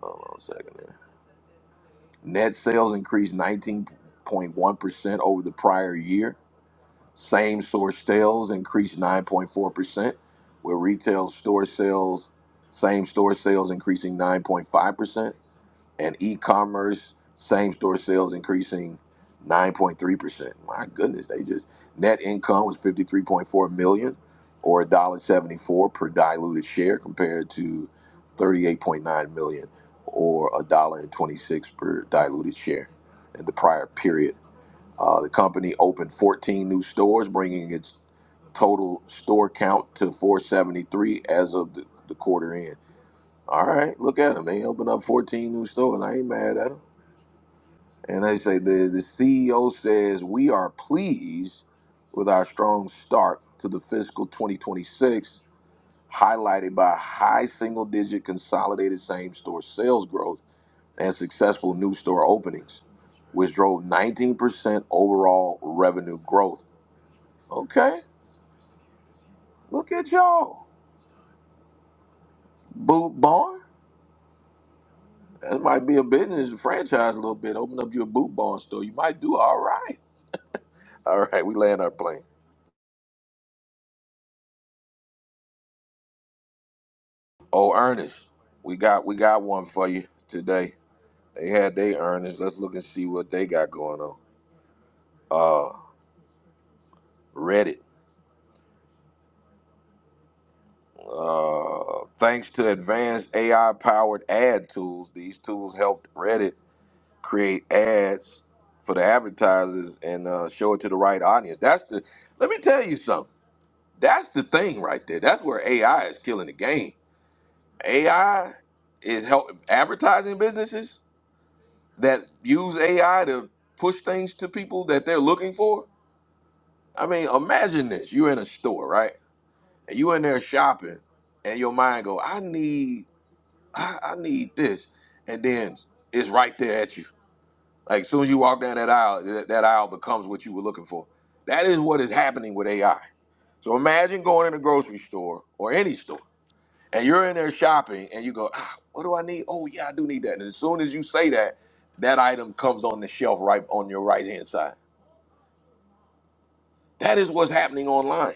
A: Hold on a second. Net sales increased 19.1% over the prior year same store sales increased 9.4%, with retail store sales, same store sales increasing 9.5%, and e commerce, same store sales increasing 9.3%. My goodness, they just, net income was 53.4 million or a dollar seventy four per diluted share compared to 38.9 million or a dollar and twenty six per diluted share in the prior period. Uh, the company opened 14 new stores, bringing its total store count to 473 as of the, the quarter end. All right, look at them. They opened up 14 new stores. I ain't mad at them. And they say the, the CEO says, We are pleased with our strong start to the fiscal 2026, highlighted by high single digit consolidated same store sales growth and successful new store openings, which drove 19% overall revenue growth Okay, look at y'all. Boot barn. That might be a business a franchise a little bit. Open up your boot barn store. You might do all right. All right, we land our plane. Oh, Ernest, we got we got one for you today. They had they Ernest. Let's look and see what they got going on. Uh, Reddit. Uh, thanks to advanced AI powered ad tools, these tools helped Reddit create ads for the advertisers and uh, show it to the right audience. That's the. Let me tell you something That's the thing right there. That's where AI is killing the game. AI is helping advertising businesses that use AI to push things to people that they're looking for. I mean, imagine this. You're in a store, right? And you in there shopping and your mind go, I need I, I need this. And then it's right there at you. Like as soon as you walk down that aisle, that, that aisle becomes what you were looking for. That is what is happening with AI. So imagine going in a grocery store or any store and you're in there shopping and you go, ah, what do I need? Oh yeah, I do need that. And as soon as you say that, that item comes on the shelf right on your right hand side. That is what's happening online.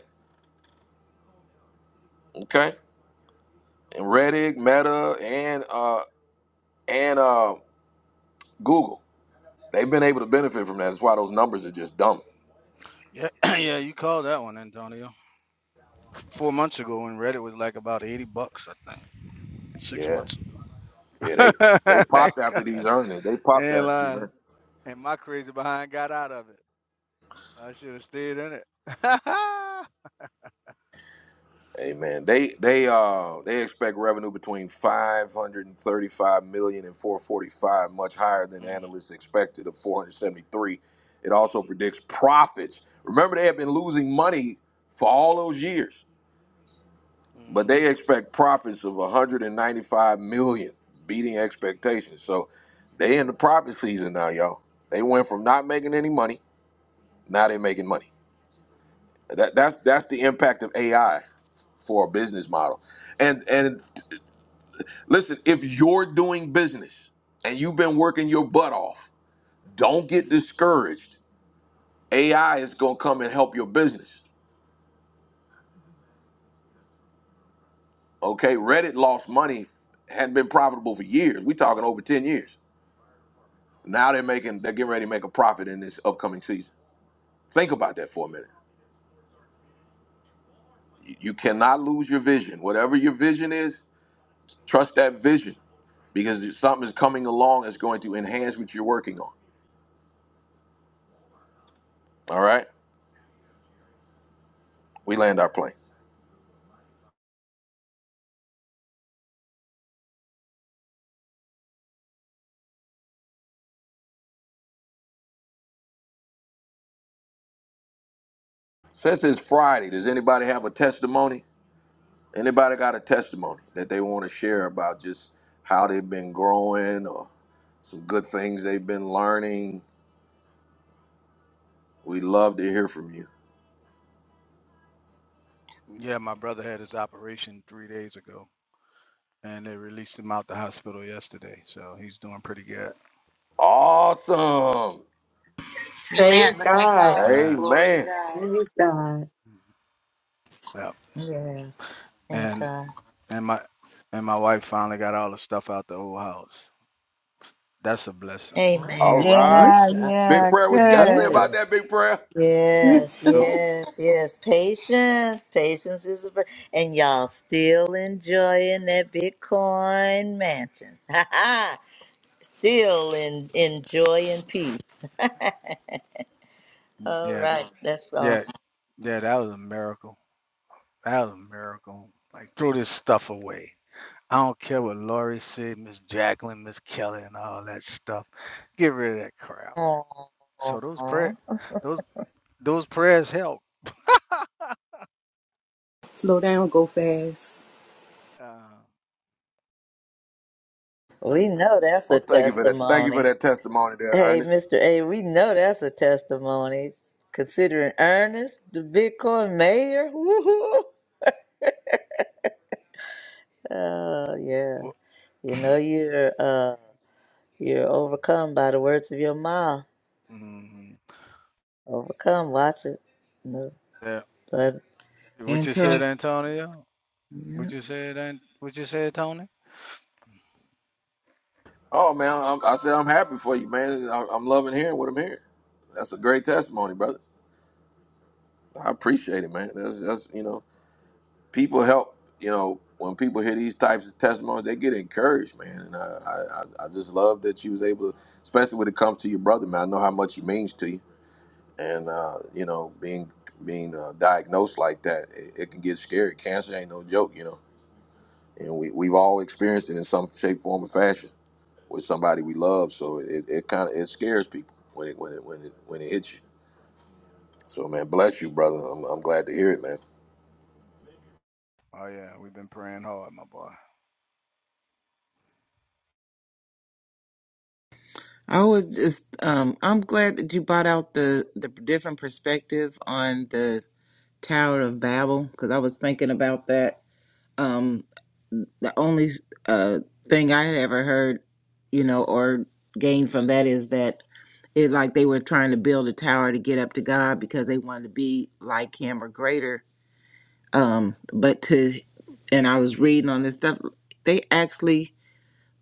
A: Okay. And Reddit, Meta, and uh and uh Google. They've been able to benefit from that. That's why those numbers are just dumb.
L: Yeah, *clears throat* yeah, you called that one, Antonio. Four months ago, when Reddit was like about eighty bucks, I think. Six
A: Yeah.
L: months ago.
A: Yeah, they
L: *laughs*
A: they popped after these earnings. They popped
L: and
A: after these
L: uh,
A: earnings.
L: and my crazy behind got out of it. I should have stayed in it. *laughs*
A: Amen. They they uh they expect revenue between five hundred and thirty five million and four forty five, much higher than analysts expected of 473. It also predicts profits. Remember, they have been losing money for all those years,
L: Mm-hmm.
A: but
L: hmm
A: they expect profits of 195 million, beating expectations. So they in the profit season now, y'all. They went from not making any money, now they're making money. That that's that's the impact of AI for a business model and and Listen, if you're doing business and you've been working your butt off, don't get discouraged. AI is going to come and help your business. Okay, Reddit lost money, hadn't been profitable for years. We're talking over 10 years. Now they're making, they're getting ready to make a profit in this upcoming season. Think about that for a minute. You you cannot lose your vision. Whatever your vision is, trust that vision because something is coming along that's going to enhance what you're working on. All right, we land our plane. Since it's Friday, does anybody have a testimony? Anybody got a testimony that they want to share about just how they've been growing or some good things they've been learning? We would love to hear from you.
L: Yeah, my brother had his operation three days ago, and they released him out the hospital yesterday, so he's doing pretty good.
A: Awesome.
B: Praise
H: Amen. Look at
B: God.
H: God.
L: Yeah,
H: Glory to
A: Amen.
H: God.
B: Praise God.
L: yeah.
C: Yes. Thank
L: And
C: God.
L: and my and my wife finally got all the stuff out the old house. That's a blessing.
C: Amen.
A: All
D: Ooh,
A: right.
B: Yeah,
D: child.
A: Big
B: yeah,
A: prayer, what you got to
D: Yeah.
A: say
B: good.
L: That
A: about that, big prayer?
C: Yes,
L: that.
C: yes, yes. Patience. Patience is a. vir- And y'all still enjoying that Bitcoin mansion. *laughs* Ha ha! still in, enjoying peace. *laughs* All
L: Yeah,
C: right. That's
L: yeah,
C: awesome.
L: yeah. That was a miracle. That was a miracle. Like throw this stuff away. I don't care what Laurie said, Miss Jacqueline, Miss Kelly, and all that stuff. Get rid of that crap. So those
C: Aw.
L: prayer, those those prayers help.
D: Slow down, go fast.
L: Uh,
C: We know that's a
A: Well, thank you for that. Thank you for
C: testimony.
A: that testimony there,
C: Hey,
A: Ernest.
C: Mr. A, we know that's a testimony. Considering Ernest, the Bitcoin mayor. Woo-hoo. Oh yeah.
L: what,
C: You know you're uh you're overcome by the words of your mouth.
L: mhm.
C: Overcome, watch it. No,
L: yeah.
C: but
L: What you said,
E: Antonio,
L: Antonio?
E: yeah.
L: What you said? An- What you said, Tony?
A: Oh, man, I'm, I said I'm happy for you, man. I, I'm loving hearing what I'm hearing. That's a great testimony, brother. I appreciate it, man. That's, that's you know. people help. You know, when people hear these types of testimonies, they get encouraged, man. And I, I, I I just love that you was able to, especially when it comes to your brother, man. I know how much he means to you, and uh, you know, being being uh, diagnosed like that, it, it can get scary. Cancer ain't no joke, you know. And we we've all experienced it in some shape, form, or fashion with somebody we love. So it, it kind of it scares people when it when it when it when it hits you. So man, bless you, brother. I'm, I'm glad to hear it, man.
L: Oh yeah, we've been praying hard, my boy.
E: I was just, um, I'm glad that you brought out the, the different perspective on the Tower of Babel because I was thinking about that. Um, the only uh, thing I had ever heard, you know, or gained from that is that it like they were trying to build a tower to get up to God because they wanted to be like Him or greater. Um, but to, and I was reading on this stuff, they actually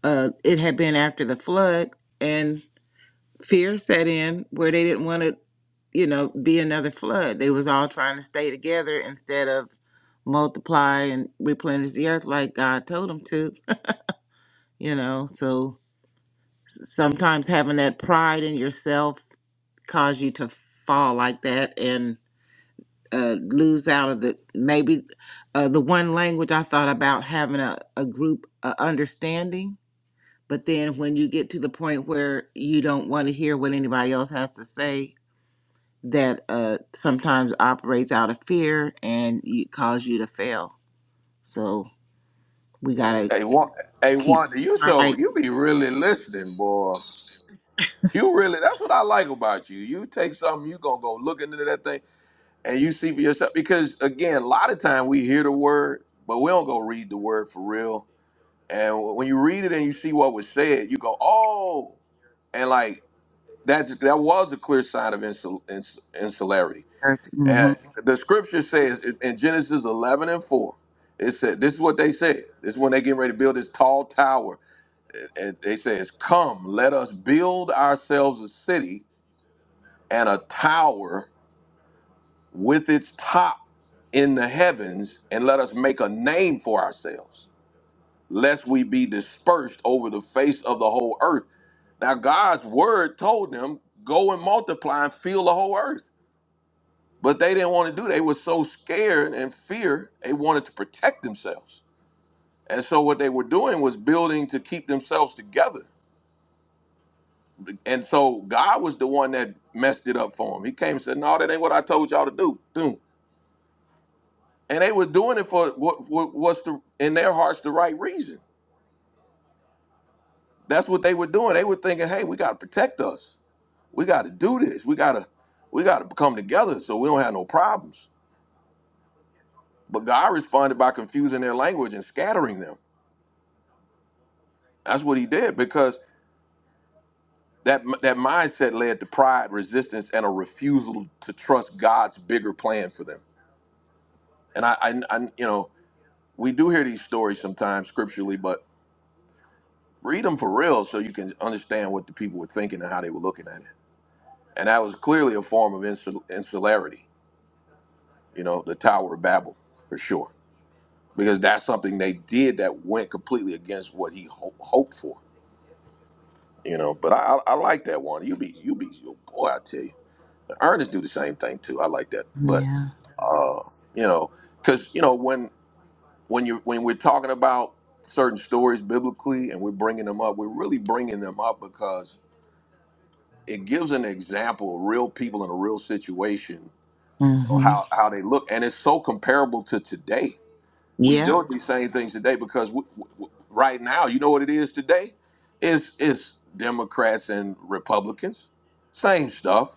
E: uh, it had been after the flood and fear set in where they didn't want to you know be another flood they was all trying to stay together instead of multiply and replenish the earth like god told them to you know so sometimes having that pride in yourself cause you to fall like that and uh, lose out of the maybe uh, the one language i thought about having a, a group uh, understanding But then when you get to the point where you don't want to hear what anybody else has to say, that uh, sometimes operates out of fear and you, cause you to fail. So we got to
A: Hey, one, hey,
E: keep
A: one, you
E: our
A: so
E: pride. *laughs*
A: you be really listening, boy. You really, that's what I like about you. You take something, you gonna go look into that thing, and you see for yourself. Because again, a lot of time we hear the word, but we don't go read the word for real. And when you read it and you see what was said, you go, oh, and like that's that was a clear sign of insul, ins, insularity. And
E: Mm-hmm.
A: the scripture says in in Genesis 11 and 4, it said, this is what they said. This is when they getting ready to build this tall tower and they says, "Come, let us build ourselves a city and a tower with its top in the heavens, and let us make a name for ourselves, lest we be dispersed over the face of the whole earth." Now, God's word told them, "Go and multiply and fill the whole earth," but they didn't want to do. It. They were so scared and fear, they wanted to protect themselves, and so what they were doing was building to keep themselves together And so God was the one that messed it up for him. He came and said, "No, that ain't what I told y'all to do." Boom. And they were doing it for what, what was the, in their hearts the right reason. That's what they were doing. They were thinking, "Hey, we got to protect us. We got to do this. We got to we got to come together so we don't have no problems." But God responded by confusing their language and scattering them. That's what He did because that that mindset led to pride, resistance, and a refusal to trust God's bigger plan for them. And I, I, I you know. we do hear these stories sometimes scripturally, but read them for real so you can understand what the people were thinking and how they were looking at it. And that was clearly a form of insul- insularity, you know, the Tower of Babel for sure, because that's something they did that went completely against what he ho- hoped for, you know. But I, I, I like that one. You be, you be, oh boy, I tell you, Ernest do the same thing too. I like that, but
E: Yeah.
A: uh, you know, because you know when when you when we're talking about certain stories biblically and we're bringing them up, we're really bringing them up because it gives an example of real people in a real situation or
E: Mm-hmm.
A: how how they look, and it's so comparable to today. We
E: Yeah.
A: deal with these same things today because we, we, right now, you know what it is today is is Democrats and Republicans, same stuff,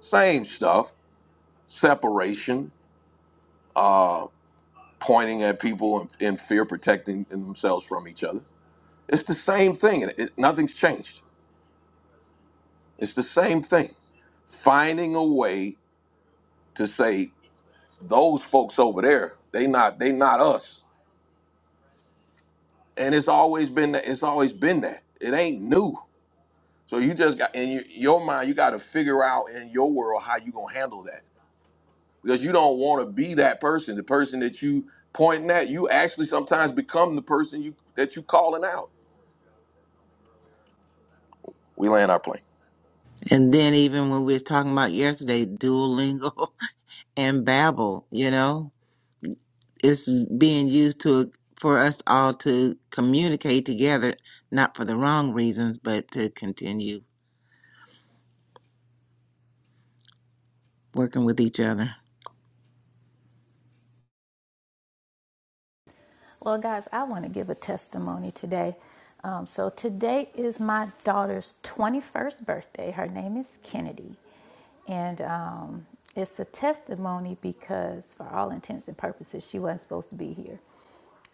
A: same stuff, separation, uh, pointing at people in, in fear, protecting themselves from each other It's the same thing. and It, nothing's changed. It's the same thing. Finding a way to say those folks over there, they not they not us. And it's always been that. It's always been that. It ain't new. So you just got in your your mind. You got to figure out in your world how you gonna handle that because you don't want to be that person. The person that you pointing at, you actually sometimes become the person you that you calling out. We land our plane.
E: And then even when we was talking about yesterday, Duolingo *laughs* and Babbel, you know, it's being used to for us all to communicate together, not for the wrong reasons, but to continue working with each other.
F: Well, guys, I want to give a testimony today. Um, so, today is my daughter's 21st birthday. Her name is Kennedy. And um, it's a testimony because, for all intents and purposes, she wasn't supposed to be here.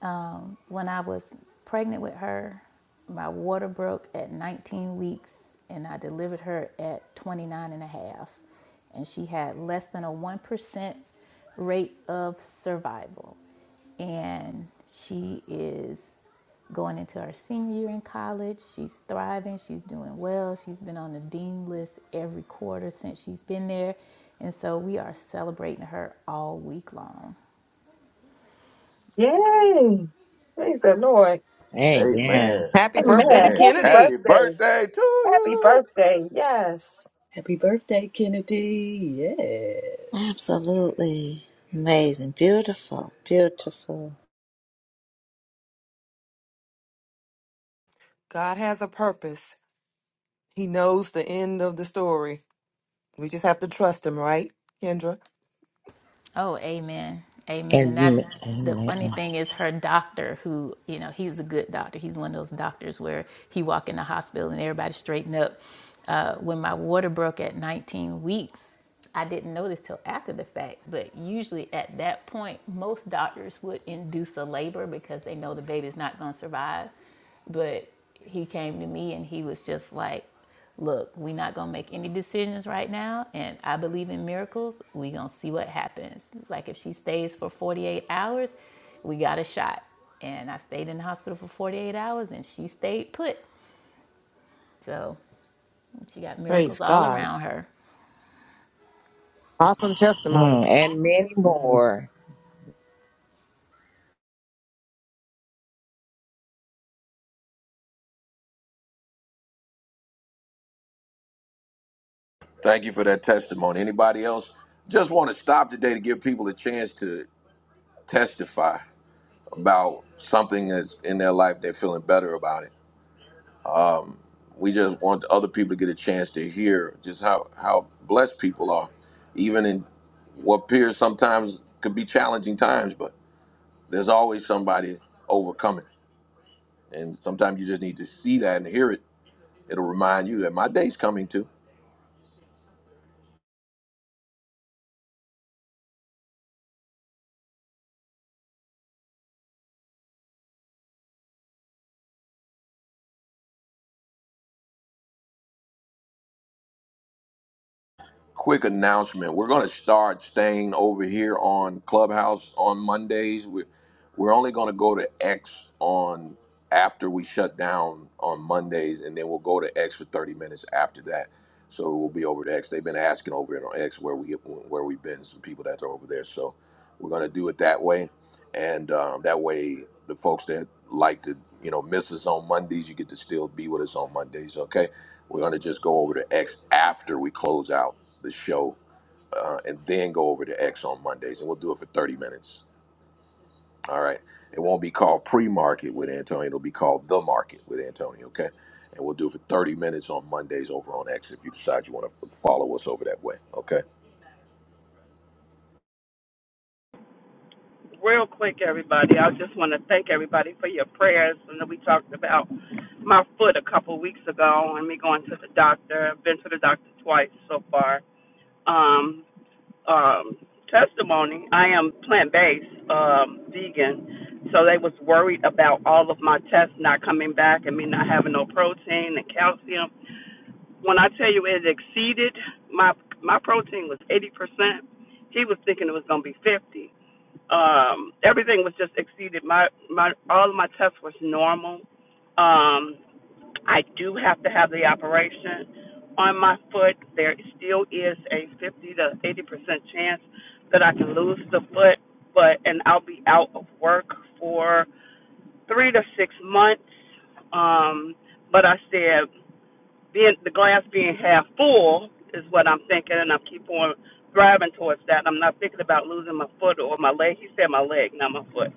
F: Um, when I was pregnant with her, my water broke at 19 weeks and I delivered her at 29 and a half. And she had less than a 1% rate of survival. And she is going into her senior year in college. She's thriving. She's doing well. She's been on the dean list every quarter since she's been there. And so we are celebrating her all week long.
B: Yay. Praise the Lord.
A: Amen.
E: Amen.
M: Happy
B: Amen.
M: birthday to
A: Amen.
B: Happy
A: Happy
M: Kennedy.
B: birthday.
A: birthday to
B: Happy
A: you.
B: birthday. Yes.
D: Happy birthday, Kennedy. Yeah.
C: absolutely amazing. Beautiful. Beautiful.
M: God has a purpose. He knows the end of the story. We just have to trust him, right, Kendra?
F: Oh, amen. Amen. And
E: And
F: that's the
E: amen.
F: funny thing is her doctor who, you know, he's a good doctor. He's one of those doctors where he walk in the hospital and everybody straighten up. Uh, when my water broke at 19 weeks, I didn't know this till after the fact, but usually at that point, most doctors would induce a labor because they know the baby's not going to survive. But he came to me and he was just like, Look, we're not gonna make any decisions right now, and I believe in miracles. We're gonna see what happens. Like, if she stays for 48 hours, we got a shot. And I stayed in the hospital for 48 hours and she stayed put. So she got
M: Praise
F: miracles all
M: God.
F: around her.
M: Awesome testimony.
E: Mm, and many more.
A: Thank you for that testimony. Anybody else? Just want to stop today to give people a chance to testify about something that's in their life they're feeling better about it. We just want other people to get a chance to hear just how, how blessed people are, even in what appears sometimes could be challenging times, but there's always somebody overcoming. And sometimes you just need to see that and hear it. It'll remind you that my day's coming too. quick announcement. We're going to start staying over here on Clubhouse on Mondays. We're, we're only going to go to X on after we shut down on Mondays, and then we'll go to X for 30 minutes after that. So we'll be over to X. They've been asking over it on X where we where we've been. Some people that are over there, so we're going to do it that way, and um, that way the folks that like to you know miss us on Mondays, you get to still be with us on Mondays. Okay, we're going to just go over to X after we close out the show, uh, and then go over to X on Mondays, and we'll do it for 30 minutes. All right. It won't be called pre-market with Antonio. It'll be called the market with Antonio. Okay. And we'll do it for 30 minutes on Mondays over on X if you decide you want to follow us over that way. Okay.
J: real quick, everybody. I just want to thank everybody for your prayers. And we talked about my foot a couple weeks ago and me going to the doctor. I've been to the doctor twice so far. Um, um, testimony. I am plant based, um, vegan. So they was worried about all of my tests not coming back and me not having no protein and calcium. When I tell you it exceeded my my protein was eighty percent. He was thinking it was gonna be fifty. Um, everything was just exceeded. My my all of my tests was normal. Um, I do have to have the operation on my foot. There still is a 50 to 80 percent chance that I can lose the foot, but and I'll be out of work for three to six months. Um, but I said being the glass being half full is what I'm thinking, and I keep on driving towards that. I'm not thinking about losing my foot or my leg. He said my leg, not my foot,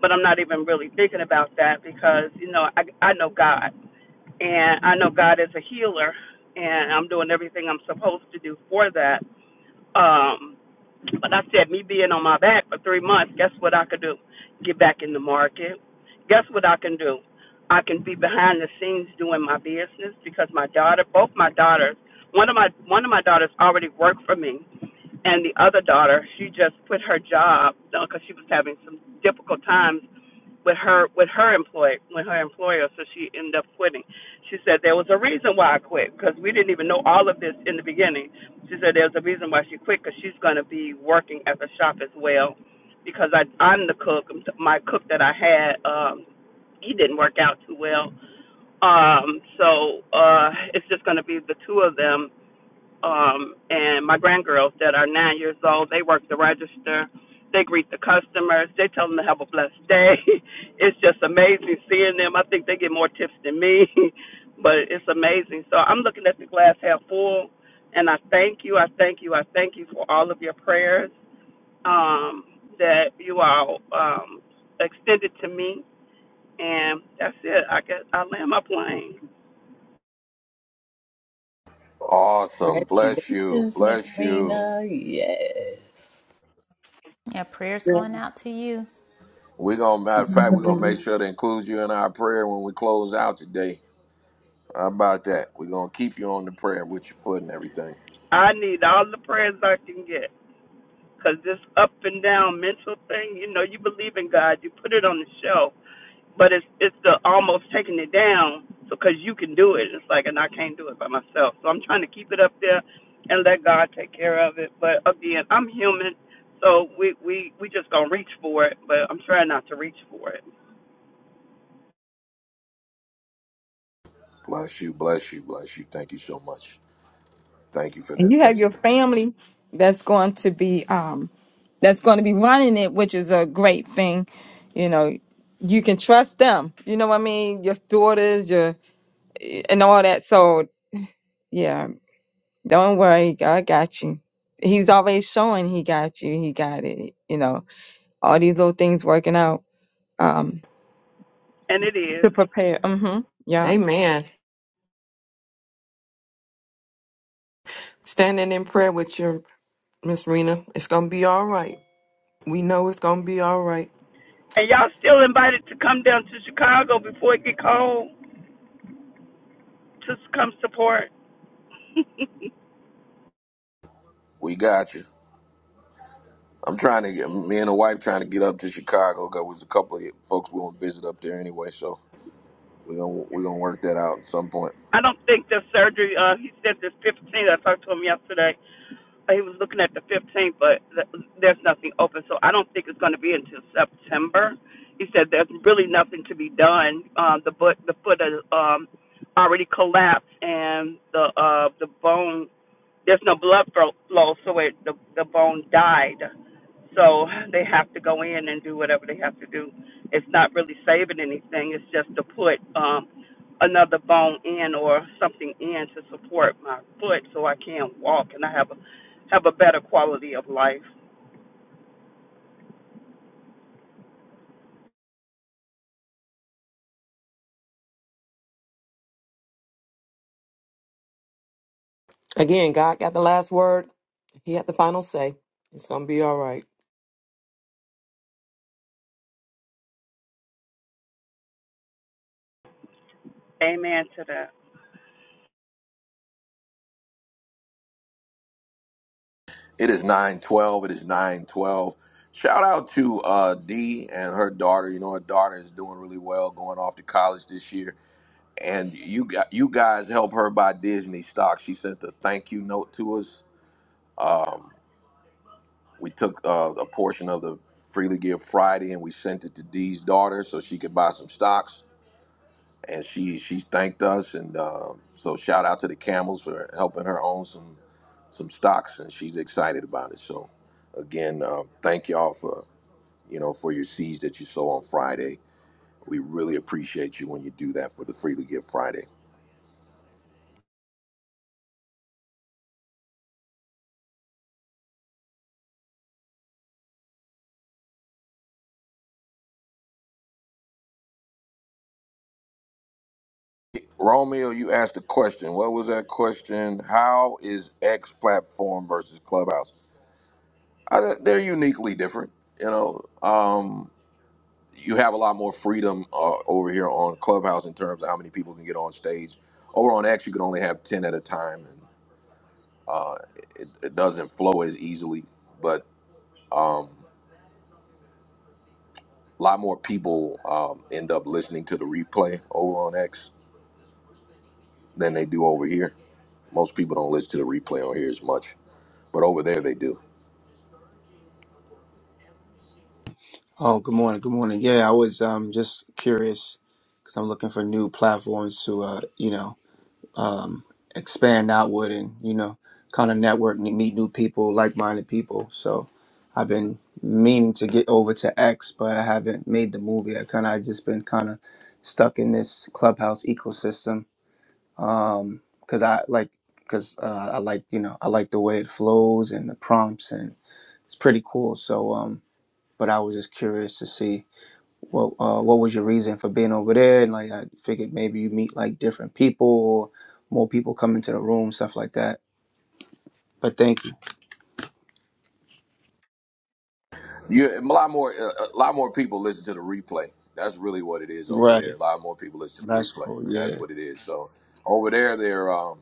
J: but I'm not even really thinking about that because you know I I know God, and I know God is a healer, and I'm doing everything I'm supposed to do for that. Um, but I said, me being on my back for three months, guess what I could do? Get back in the market. Guess what I can do? I can be behind the scenes doing my business because my daughter, both my daughters, one of my one of my daughters already worked for me, and the other daughter, she just quit her job because she was having some difficult times with her with her employ with her employer, so she ended up quitting. She said there was a reason why I quit because we didn't even know all of this in the beginning. She said there's a reason why she quit because she's going to be working at the shop as well because I I'm the cook. My cook that I had um he didn't work out too well. Um so uh it's just going to be the two of them um, and my grandgirls that are nine years old. They work the register. They greet the customers. They tell them to have a blessed day. *laughs* it's just amazing seeing them. I think they get more tips than me, *laughs* but it's amazing. So I'm looking at the glass half full, and I thank you. I thank you. I thank you for all of your prayers um, that you all um, extended to me. And that's it. I guess I land my plane.
A: Awesome. Bless you.
D: Congratulations, Miss
A: Bless you.
D: Rena. Yeah.
F: Yeah, prayers going out to you.
A: We're gonna matter of fact, we're gonna make sure to include you in our prayer when we close out today. How about that? We're gonna keep you on the prayer with your foot and everything.
J: I need all the prayers I can get. because this up and down mental thing, you know, you believe in God, you put it on the shelf, but it's it's the almost taking it down because you can do it. It's like, and I can't do it by myself, so I'm trying to keep it up there and let God take care of it. But again, I'm human, so we we we just gonna reach for it, but I'm trying not to reach for it,
A: Bless you, bless you, bless you. Thank you so much. Thank you for
B: and
A: that
B: you have your
A: testimony.
B: family that's going to be um that's going to be running it which is a great thing you know you can trust them you know what i mean your daughters your and all that so yeah don't worry god got you he's always showing he got you he got it you know all these little things working out um
J: and it
B: to
J: is.
B: prepare. hmm Yeah.
M: Amen. Standing in prayer with you, Miss Rena. It's going to be all right. We know it's going to be all right.
J: And y'all still invited to come down to Chicago before it get cold to come support. *laughs*
A: We got you. I'm trying to get me and the wife trying to get up to Chicago 'cause there's a couple of folks we want to visit up there anyway, so we're gonna we're gonna work that out at some point.
J: I don't think the surgery. Uh, he said this 15. I talked to him yesterday. he was looking at the 15th, but th- there's nothing open, so I don't think it's going to be until September. He said there's really nothing to be done. Um, the foot, the foot, uh, um, already collapsed, and the uh, the bone there's no blood fro- flow, so it, the the bone died. So they have to go in and do whatever they have to do. It's not really saving anything. It's just to put um, another bone in or something in to support my foot, so I can walk and I have a have a better quality of life.
M: Again, God got the last word. He had the final say. It's going to be all right.
J: Amen to that.
A: It is nine twelve. It is nine twelve. Shout out to uh, Dee and her daughter. You know her daughter is doing really well, going off to college this year. And you got you guys help her buy Disney stock. She sent a thank you note to us. Um, we took uh, a portion of the freely give Friday and we sent it to Dee's daughter so she could buy some stocks and she she thanked us and um, so shout out to the camels for helping her own some some stocks and she's excited about it so again um, thank y'all for you know for your seeds that you sow on friday we really appreciate you when you do that for the freely give friday romeo you asked a question what was that question how is x platform versus clubhouse I, they're uniquely different you know um you have a lot more freedom uh, over here on Clubhouse in terms of how many people can get on stage. Over on X, you can only have ten at a time, and uh, it, it doesn't flow as easily. But um, a lot more people um, end up listening to the replay over on X than they do over here. Most people don't listen to the replay on here as much, but over there they do.
N: Oh, good morning. Good morning. Yeah, I was um just curious because I'm looking for new platforms to uh you know um expand outward and you know kind of network and meet new people, like-minded people. So I've been meaning to get over to X, but I haven't made the move yet. Kind of I just been kind of stuck in this clubhouse ecosystem. Um, because I like because uh, I like you know I like the way it flows and the prompts and it's pretty cool. So um, but I was just curious to see what uh, what was your reason for being over there? And like, I figured maybe you meet like different people or more people come into the room, stuff like that. But thank you.
A: You a lot more uh, a lot more people listen to the replay. That's really what it is over there.
N: Right.
A: A lot more people listen to the
N: That's
A: replay.
N: cool.
A: That's
N: Yeah.
A: what it is. So over there, they're um,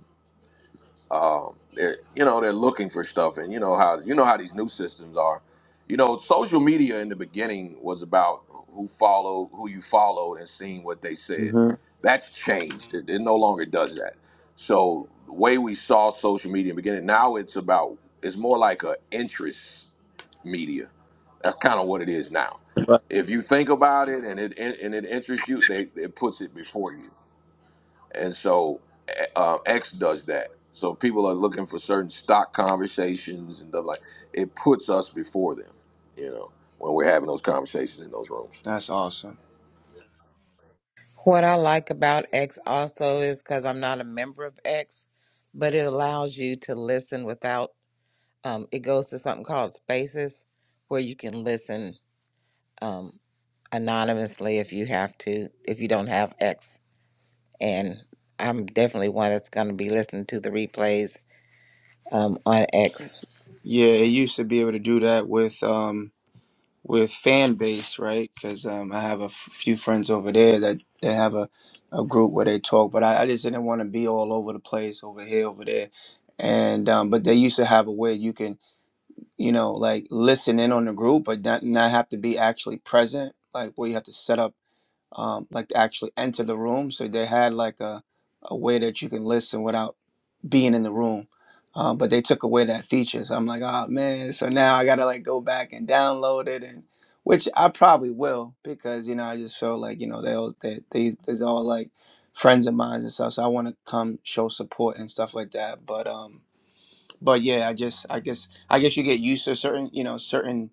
A: um, they're you know they're looking for stuff, and you know how you know how these new systems are. You know, social media in the beginning was about who followed, who you followed, and seeing what they said.
N: hmm
A: That's changed. It, it no longer does that. So the way we saw social media in the beginning, now it's about it's more like a interest media. That's kind of what it is now.
N: Right.
A: If you think about it and it and it interests you, they it puts it before you and so uh, X does that. So people are looking for certain stock conversations and stuff like. It puts us before them, you know, when we're having those conversations in those rooms.
N: That's awesome.
E: What I like about X also is because I'm not a member of X, but it allows you to listen without. Um, it goes to something called Spaces, where you can listen um, anonymously if you have to, if you don't have X. And I'm definitely one that's going to be listening to the replays um, on X.
N: Yeah, it used to be able to do that with um with fan base, right? Because um, I have a f- few friends over there that they have a, a group where they talk, but I, I just didn't want to be all over the place, over here, over there, and um, but they used to have a way you can you know, like listen in on the group, but not not have to be actually present. Like where you have to set up, um, like to actually enter the room. So they had like a a way that you can listen without being in the room. Um, but they took away that feature. So I'm like, oh man. So now I gotta like go back and download it, and which I probably will because you know I just feel like you know they all they they they's all like friends of mine and stuff. So I want to come show support and stuff like that. But um but yeah, I just I guess I guess you get used to certain you know certain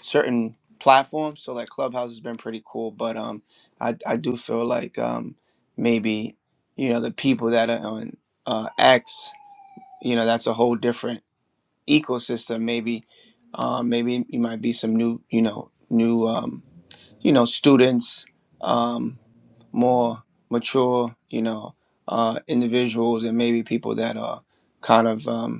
N: certain platforms. So like Clubhouse has been pretty cool, but um, I I do feel like um maybe you know the people that are on uh X, you know that's a whole different ecosystem. Maybe uh, maybe you might be some new you know new um you know students um more mature you know uh individuals and maybe people that are kind of um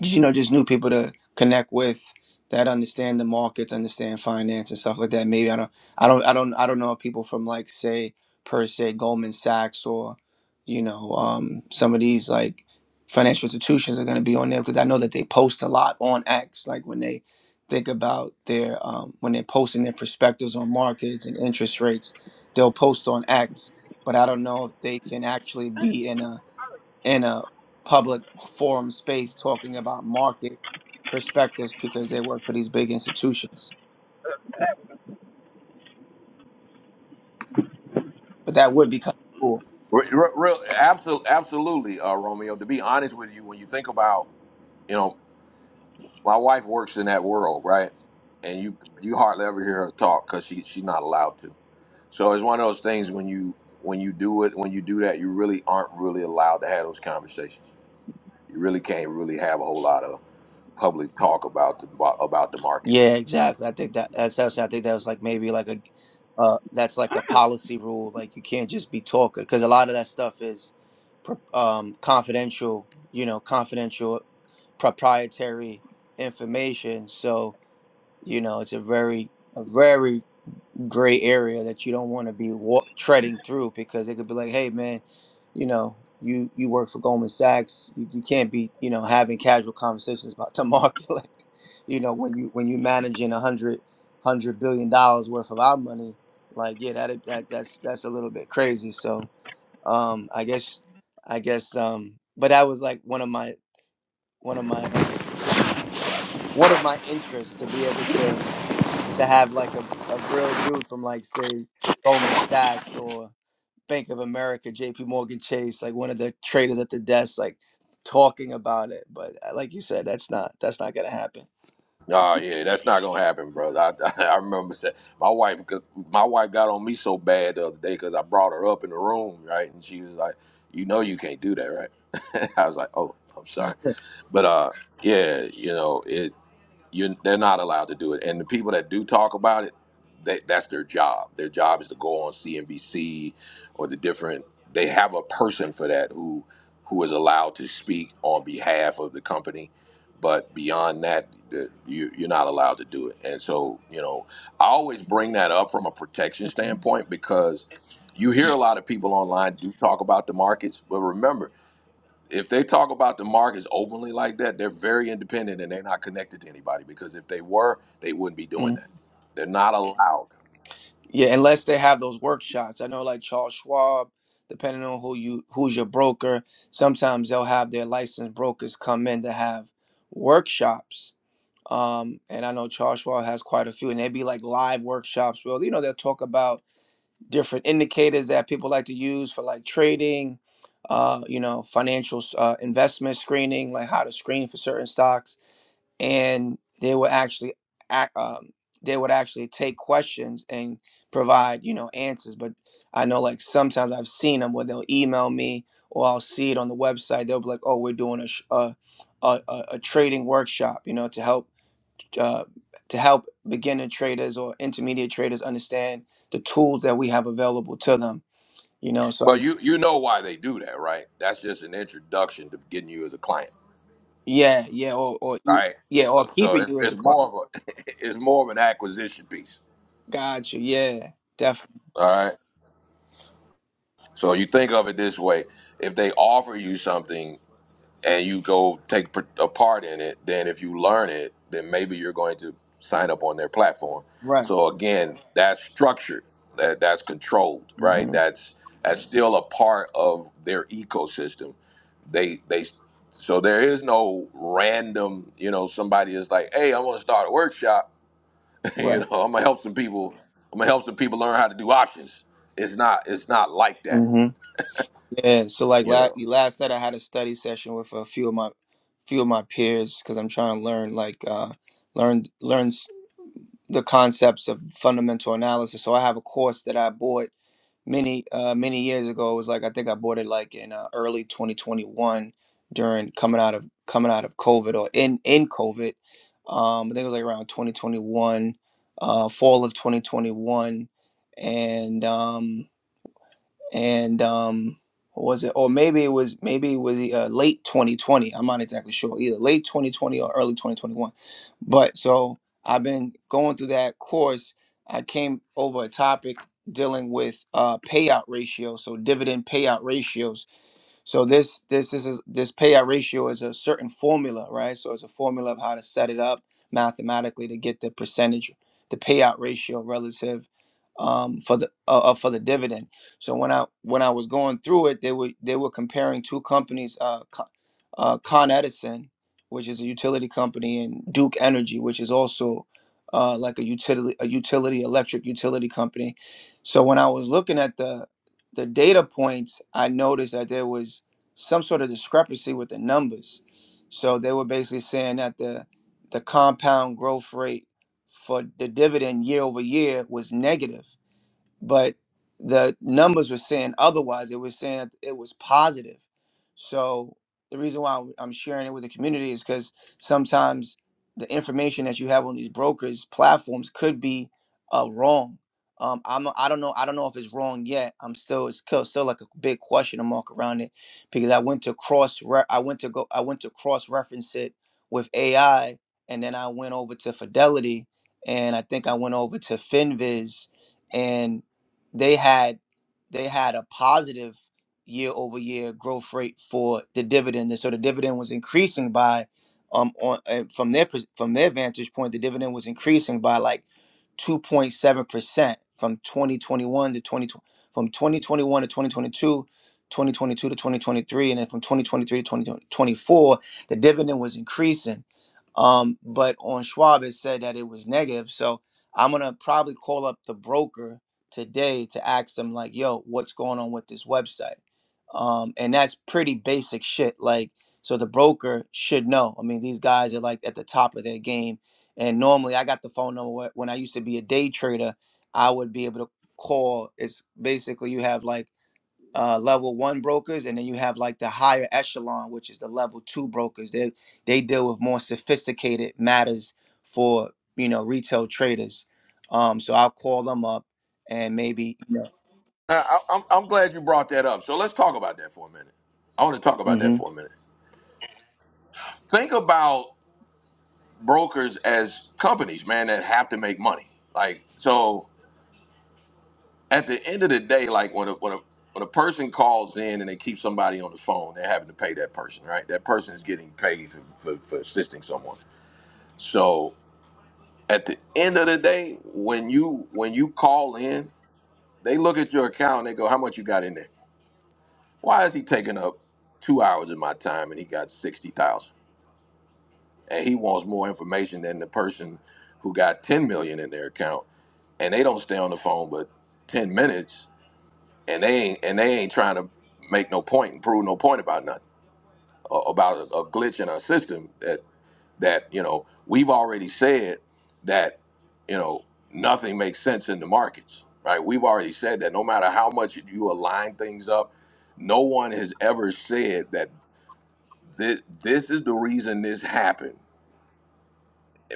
N: just, you know just new people to connect with that understand the markets understand finance and stuff like that maybe i don't i don't i don't i don't know people from like say per se goldman sachs or you know um some of these like financial institutions are going to be on there because i know that they post a lot on x like when they think about their um, when they're posting their perspectives on markets and interest rates they'll post on x but i don't know if they can actually be in a in a public forum space talking about market perspectives because they work for these big institutions. But that would be kind of cool.
A: Re- re- Real, absolutely, absolutely, uh, Romeo. To be honest with you, when you think about, you know, my wife works in that world, right? And you you hardly ever hear her talk because she she's not allowed to. So it's one of those things when you when you do it when you do that, you really aren't really allowed to have those conversations. You really can't really have a whole lot of. public talk about the about the
N: Yeah,
A: markets.
N: exactly. I think that that's actually, I think that was like maybe like a uh that's like a
J: Ah,
N: policy rule. Like you can't just be talking because a lot of that stuff is pr- um confidential, you know, confidential proprietary information. So, you know, it's a very a very gray area that you don't want to be wa- treading through because they could be like, hey man, you know, you you work for Goldman Sachs, you, you can't be you know having casual conversations about the market, *laughs* like, you know, when you when you managing a hundred hundred billion dollars worth of our money, like yeah, that that that's that's a little bit crazy. So um, I guess I guess um, but that was like one of my one of my uh, one of my interests to be able to to have like a, a real dude from like say Goldman Sachs or Bank of America, J.P. Morgan Chase, like one of the traders at the desk, like talking about it. But uh, like you said, that's not that's not gonna happen.
A: Oh yeah, that's not gonna happen, brother. I, *laughs* I remember that my wife my wife got on me so bad the other day because I brought her up in the room, right? And she was like, "You know, you can't do that, right?" *laughs* I was like, "Oh, I'm sorry," but uh, yeah, you know it. you they're not allowed to do it and the people that do talk about it they, that's their job their job is to go on cnbc or the different they have a person for that who who is allowed to speak on behalf of the company but beyond that the, you, you're not allowed to do it and so you know i always bring that up from a protection
N: Mhm.
A: standpoint because you hear a lot of people online do talk about the markets but remember if they talk about the markets openly like that, they're very independent and they're not connected to anybody because if they were, they wouldn't be doing
N: Mm.
A: that. They're not allowed.
N: Yeah, unless they have those workshops. I know like Charles Schwab, depending on who you who's your broker, sometimes they'll have their licensed brokers come in to have workshops. Um, and I know Charles Schwab has quite a few, and they'd be like live workshops. Well, you know, they'll talk about different indicators that people like to use for like trading, uh, you know, financial uh, investment screening, like how to screen for certain stocks, and they would actually act, um, they would actually take questions and provide you know answers. But I know like sometimes I've seen them where they'll email me or I'll see it on the website. They'll be like, "Oh, we're doing a sh- a, a, a a trading workshop," you know, to help uh, to help beginner traders or intermediate traders understand the tools that we have available to them. You know, so I
A: But you you know why they do that, right? That's just an introduction to getting you as a client,
N: yeah yeah or or you-
A: right?
N: yeah or
A: So
N: keeping
A: it's,
N: you as
A: it's
N: the client.
A: more of a *laughs* it's more of an acquisition piece,
N: Got you. Yeah, definitely.
A: all right? So you think of it this way: if they offer you something and you go take par- a part in it, then if you learn it, then maybe you're going to sign up on their platform.
N: Right.
A: So again, that's structured, that that's controlled, right?
N: hmm
A: That's that's still a part of their ecosystem. They they so there is no random, you know, somebody is like, hey, I want to start a workshop, *laughs* you
N: Right.
A: know, I'm gonna help some people, I'm gonna help some people learn how to do options. It's not it's not like that,
N: hmm Yeah. So like
A: you know.
N: last last night I had a study session with a few of my few of my peers because I'm trying to learn like uh learn learn the concepts of fundamental analysis. So I have a course that I bought many uh many years ago. It was like I think I bought it like in uh, early 2021 during coming out of coming out of COVID or in in COVID. Um, I think it was like around 2021, uh, fall of 2021, and um, and um what was it or maybe it was maybe it was uh, late 2020 i'm not exactly sure either late 2020 or early 2021 but so i've been going through that course i came over a topic dealing with uh payout ratio so dividend payout ratios so this this is this payout ratio is a certain formula, right? So it's a formula of how to set it up mathematically to get the percentage, the payout ratio relative um, for the uh, uh, for the dividend. So when I when I was going through it, they were they were comparing two companies, uh, Co- uh, Con Edison, which is a utility company, and Duke Energy, which is also uh, like a utility a utility electric utility company. So when I was looking at the the data points, I noticed that there was some sort of discrepancy with the numbers. So they were basically saying that the the compound growth rate for the dividend year over year was negative but the numbers were saying otherwise. It was saying that it was positive. So the reason why I'm I'm sharing it with the community is because sometimes the information that you have on these brokers platforms could be uh, wrong. Um, I'm I don't know I don't know if it's wrong yet. I'm still it's still, still like a big question mark around it because I went to cross re- I went to go I went to cross reference it with AI and then I went over to Fidelity and I think I went over to Finviz and they had they had a positive year over year growth rate for the dividend, and so the dividend was increasing by um on uh, from their pers- from their vantage point, the dividend was increasing by like two point seven percent from twenty twenty one to twenty twenty from twenty twenty one to 2022, 2022 to twenty twenty three, and then from twenty twenty three to twenty twenty four, the dividend was increasing. Um, but on Schwab, it said that it was negative, so I'm gonna probably call up the broker today to ask them like, yo, what's going on with this website? Um, and that's pretty basic shit. Like, so the broker should know. I mean, these guys are like at the top of their game. And normally, I got the phone number wh- when I used to be a day trader. I would be able to call. It's basically you have like uh, level one brokers, and then you have like the higher echelon, which is the level two brokers. They they deal with more sophisticated matters for you know retail traders. Um, so I'll call them up and maybe you know.
A: Uh, I, I'm, I'm glad you brought that up. So let's talk about that for a minute. I want to talk about that
N: Mm-hmm.
A: for a minute. Think about brokers as companies, man, that have to make money. Like, so at the end of the day, like when a, when a, when a person calls in and they keep somebody on the phone, they're having to pay that person, right? That person is getting paid for, for, for assisting someone. So at the end of the day, when you when you call in, they look at your account and they go, "How much you got in there?" Why is he taking up two hours of my time and he got sixty thousand? And he wants more information than the person who got ten million in their account and they don't stay on the phone but ten minutes and they ain't and they ain't trying to make no point and prove no point about nothing. uh, About a, a glitch in our system that that, you know, we've already said that, you know, nothing makes sense in the markets. Right? We've already said that no matter how much you align things up, no one has ever said that This, this is the reason this happened.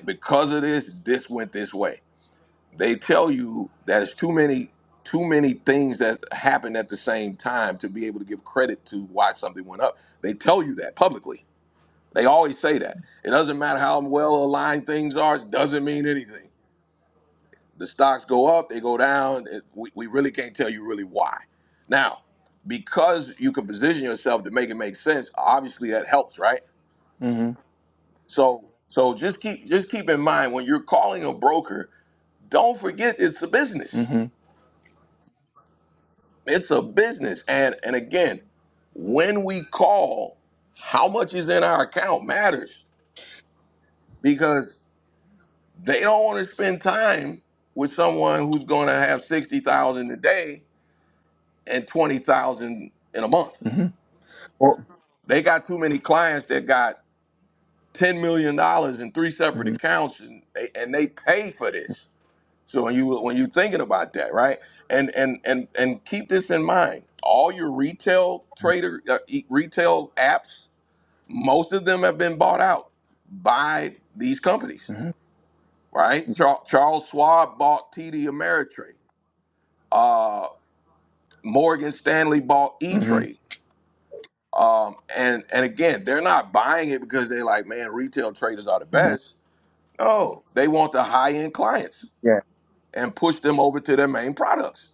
A: because of this, this went this way. They tell you that it's too many too many things that happened at the same time to be able to give credit to why something went up. They tell you that publicly. They always say that. It doesn't matter how well aligned things are, it doesn't mean anything. The stocks go up, they go down. It- We, we really can't tell you really why. Now, because you can position yourself to make it make sense, obviously that helps, right?
N: Mm-hmm.
A: So so just keep just keep in mind when you're calling a broker, don't forget it's a business.
N: Mm-hmm.
A: It's a business. And and again, when we call, how much is in our account matters because they don't want to spend time with someone who's going to have 60,000 a day and 20,000 in a month.
N: Mm-hmm. Or,
A: They got too many clients that got 10 million dollars in three separate
N: Mm-hmm.
A: accounts and they, and they pay for this So when you when you're thinking about that, right? And and and and keep this in mind. All your retail trader uh, e- retail apps, most of them have been bought out by these companies, right? Char- Charles Schwab bought TD Ameritrade. Uh, Morgan Stanley bought E
N: Mm-hmm.
A: Trade. Um, and and again, they're not buying it because they're like, man, retail traders are the
N: Mm-hmm.
A: best. No, they want the high end clients
N: Yeah.
A: and push them over to their main products.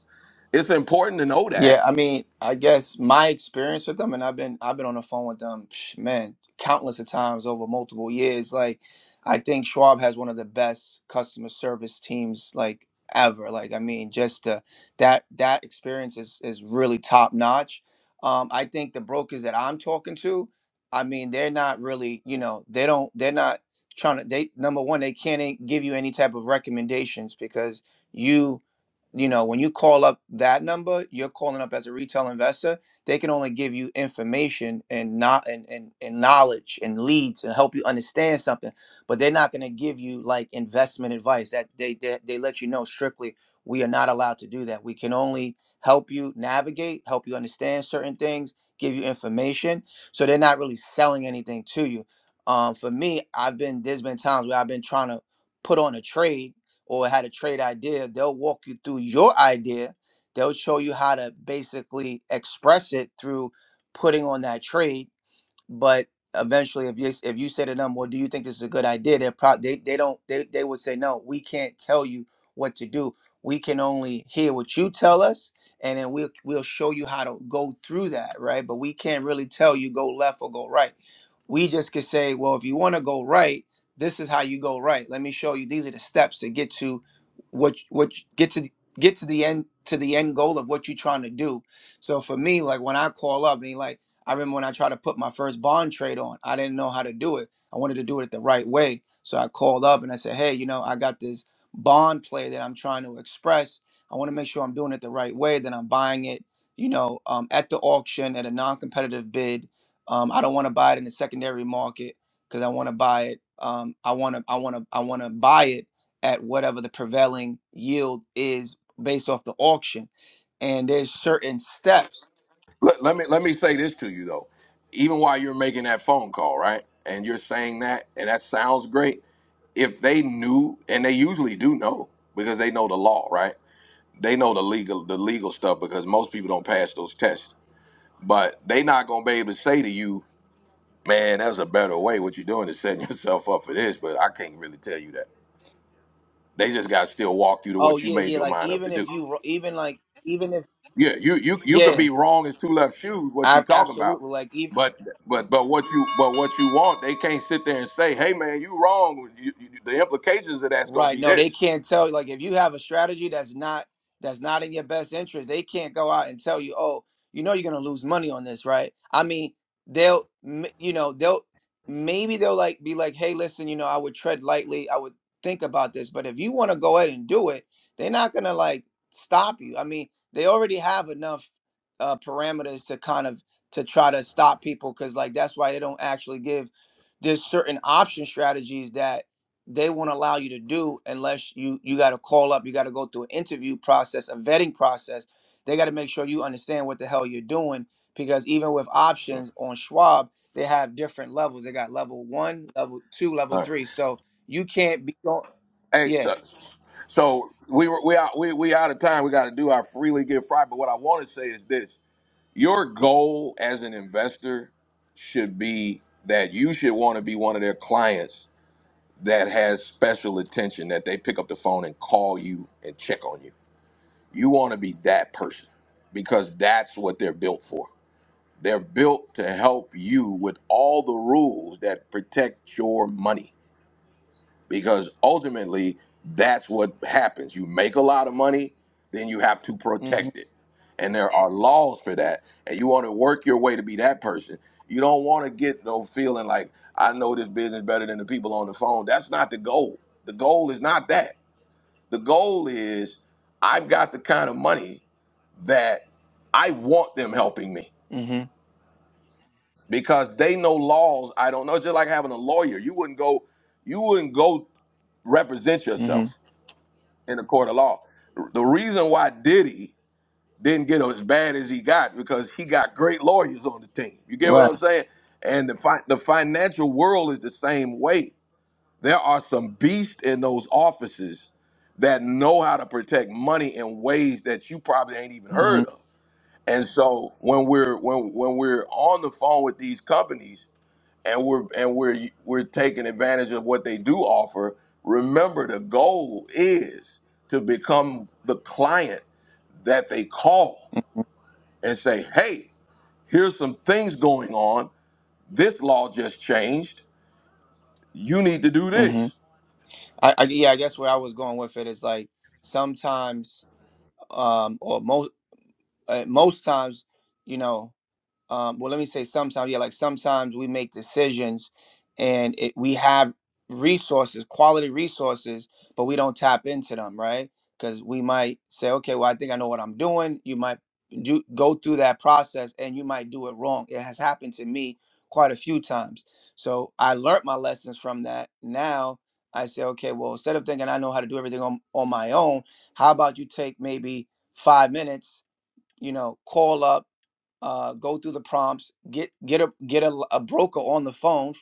A: It's important to know
N: Yeah,
A: that
N: I mean, I guess my experience with them, and I've been I've been on the phone with them, psh, man, countless of times over multiple years. Like, I think Schwab has one of the best customer service teams like ever. Like, I mean, just uh, that that experience is is really top notch. Um, I think the brokers that I'm talking to, I mean, they're not really, you know, they don't they're not trying to. They number one, they can't eh, give you any type of recommendations because you you know when you call up that number you're calling up as a retail investor they can only give you information and not and, and, and knowledge and leads and help you understand something but they're not going to give you like investment advice that they, they they let you know strictly we are not allowed to do that we can only help you navigate help you understand certain things give you information so they're not really selling anything to you um, for me i've been there's been times where i've been trying to put on a trade or how to trade idea, they'll walk you through your idea. They'll show you how to basically express it through putting on that trade but eventually if you if you say to them well do you think this is a good idea they're pro- they, they don't they, they would say no we can't tell you what to do we can only hear what you tell us and then we'll we'll show you how to go through that right but we can't really tell you go left or go right we just could say well if you want to go right this is how you go right let me show you these are the steps to get to what what get to get to the end to the end goal of what you're trying to do so for me like when i call up and he like I remember when I tried to put my first bond trade on, I didn't know how to do it. I wanted to do it the right way. So I called up and I said, hey, you know, I got this bond play that I'm trying to express. I want to make sure I'm doing it the right way, that I'm buying it, you know, um, at the auction at a non competitive bid. Um, I don't want to buy it in the secondary market because I want to buy it. Um, I want to, I want to, I want to buy it at whatever the prevailing yield is based off the auction. And there's certain steps
A: Let, let me let me say this to you though. Even while you're making that phone call, right? And you're saying that, and that sounds great. If they knew, and they usually do know, because they know the law, right? They know the legal the legal stuff because most people don't pass those tests. But they not gonna be able to say to you, man, that's a better way. What you're doing is setting *laughs* yourself up for this, but I can't really tell you that. They just gotta still walk you to
N: Oh
A: what you
N: yeah,
A: made
N: yeah.
A: your
N: Like
A: mind up to
N: even
A: do.
N: if you, even like even if
A: Yeah, you you you could
N: yeah,
A: be wrong as two left shoes. What you
N: I
A: talking about?
N: absolutely like even
A: But but but what you but what you want? They can't sit there and say, "Hey man, you wrong." You, you, the implications of that's gonna
N: Right.
A: be
N: No, they
A: this.
N: can't tell you. like if you have a strategy that's not that's not in your best interest, they can't go out and tell you, "Oh, you know you're going to lose money on this, right?" I mean, they'll m- you know, they'll maybe they'll like be like, "Hey, listen, you know, I would tread lightly. I would think about this." But if you want to go ahead and do it, they're not going to like stop you. I mean, they already have enough uh parameters to kind of to try to stop people cuz like that's why they don't actually give there's certain option strategies that they won't allow you to do unless you you got to call up you got to go through an interview process a vetting process they got to make sure you understand what the hell you're doing because even with
A: All
N: options on schwab they have different levels they got level one level two level
A: right.
N: three so you can't be going
A: Hey,
N: yeah
A: so, so we were we out we we out of time. We got to do our freely give Friday. But what I want to say is this: your goal as an investor should be that you should want to be one of their clients that has special attention. That they pick up the phone and call you and check on you You want to be that person because that's what they're built for. They're built to help you with all the rules that protect your money because ultimately that's what happens. You make a lot of money, then you have to
N: mm-hmm
A: protect it. And there are laws for that. And you want to work your way to be that person. You don't want to get no feeling like I know this business better than the people on the phone. That's not the goal. The goal is not that. The goal is I've got the kind of money that I want them helping me
N: mm-hmm
A: because they know laws I don't know. It's just like having a lawyer. You wouldn't go, you wouldn't go represent
N: mm-hmm
A: yourself in a court of law. The reason why Diddy didn't get as bad as he got because he got great lawyers on the team. You get what
N: right
A: I'm saying? And the fi- the financial world is the same way. There are some beasts in those offices that know how to protect money in ways that you probably ain't even
N: mm-hmm
A: heard of And so when we're when when we're on the phone with these companies and we're and we're we're taking advantage of what they do offer, remember the goal is to become the client that they call
N: mm-hmm
A: and say, "Hey, here's some things going on. This law just changed. You need to do this."
N: mm-hmm. I, I yeah i guess where i was going with it is like sometimes um or most uh, most times you know um, well, let me say sometimes, yeah, like sometimes we make decisions and it, we have resources, quality resources, but we don't tap into them, right? Because we might say, okay, well, I think I know what I'm doing. You might do, go through that process and you might do it wrong. It has happened to me quite a few times. So I learned my lessons from that. Now I say, okay, well, instead of thinking I know how to do everything on, on my own, how about you take maybe five minutes you know call up uh, go through the prompts get get a get a, a broker on the phone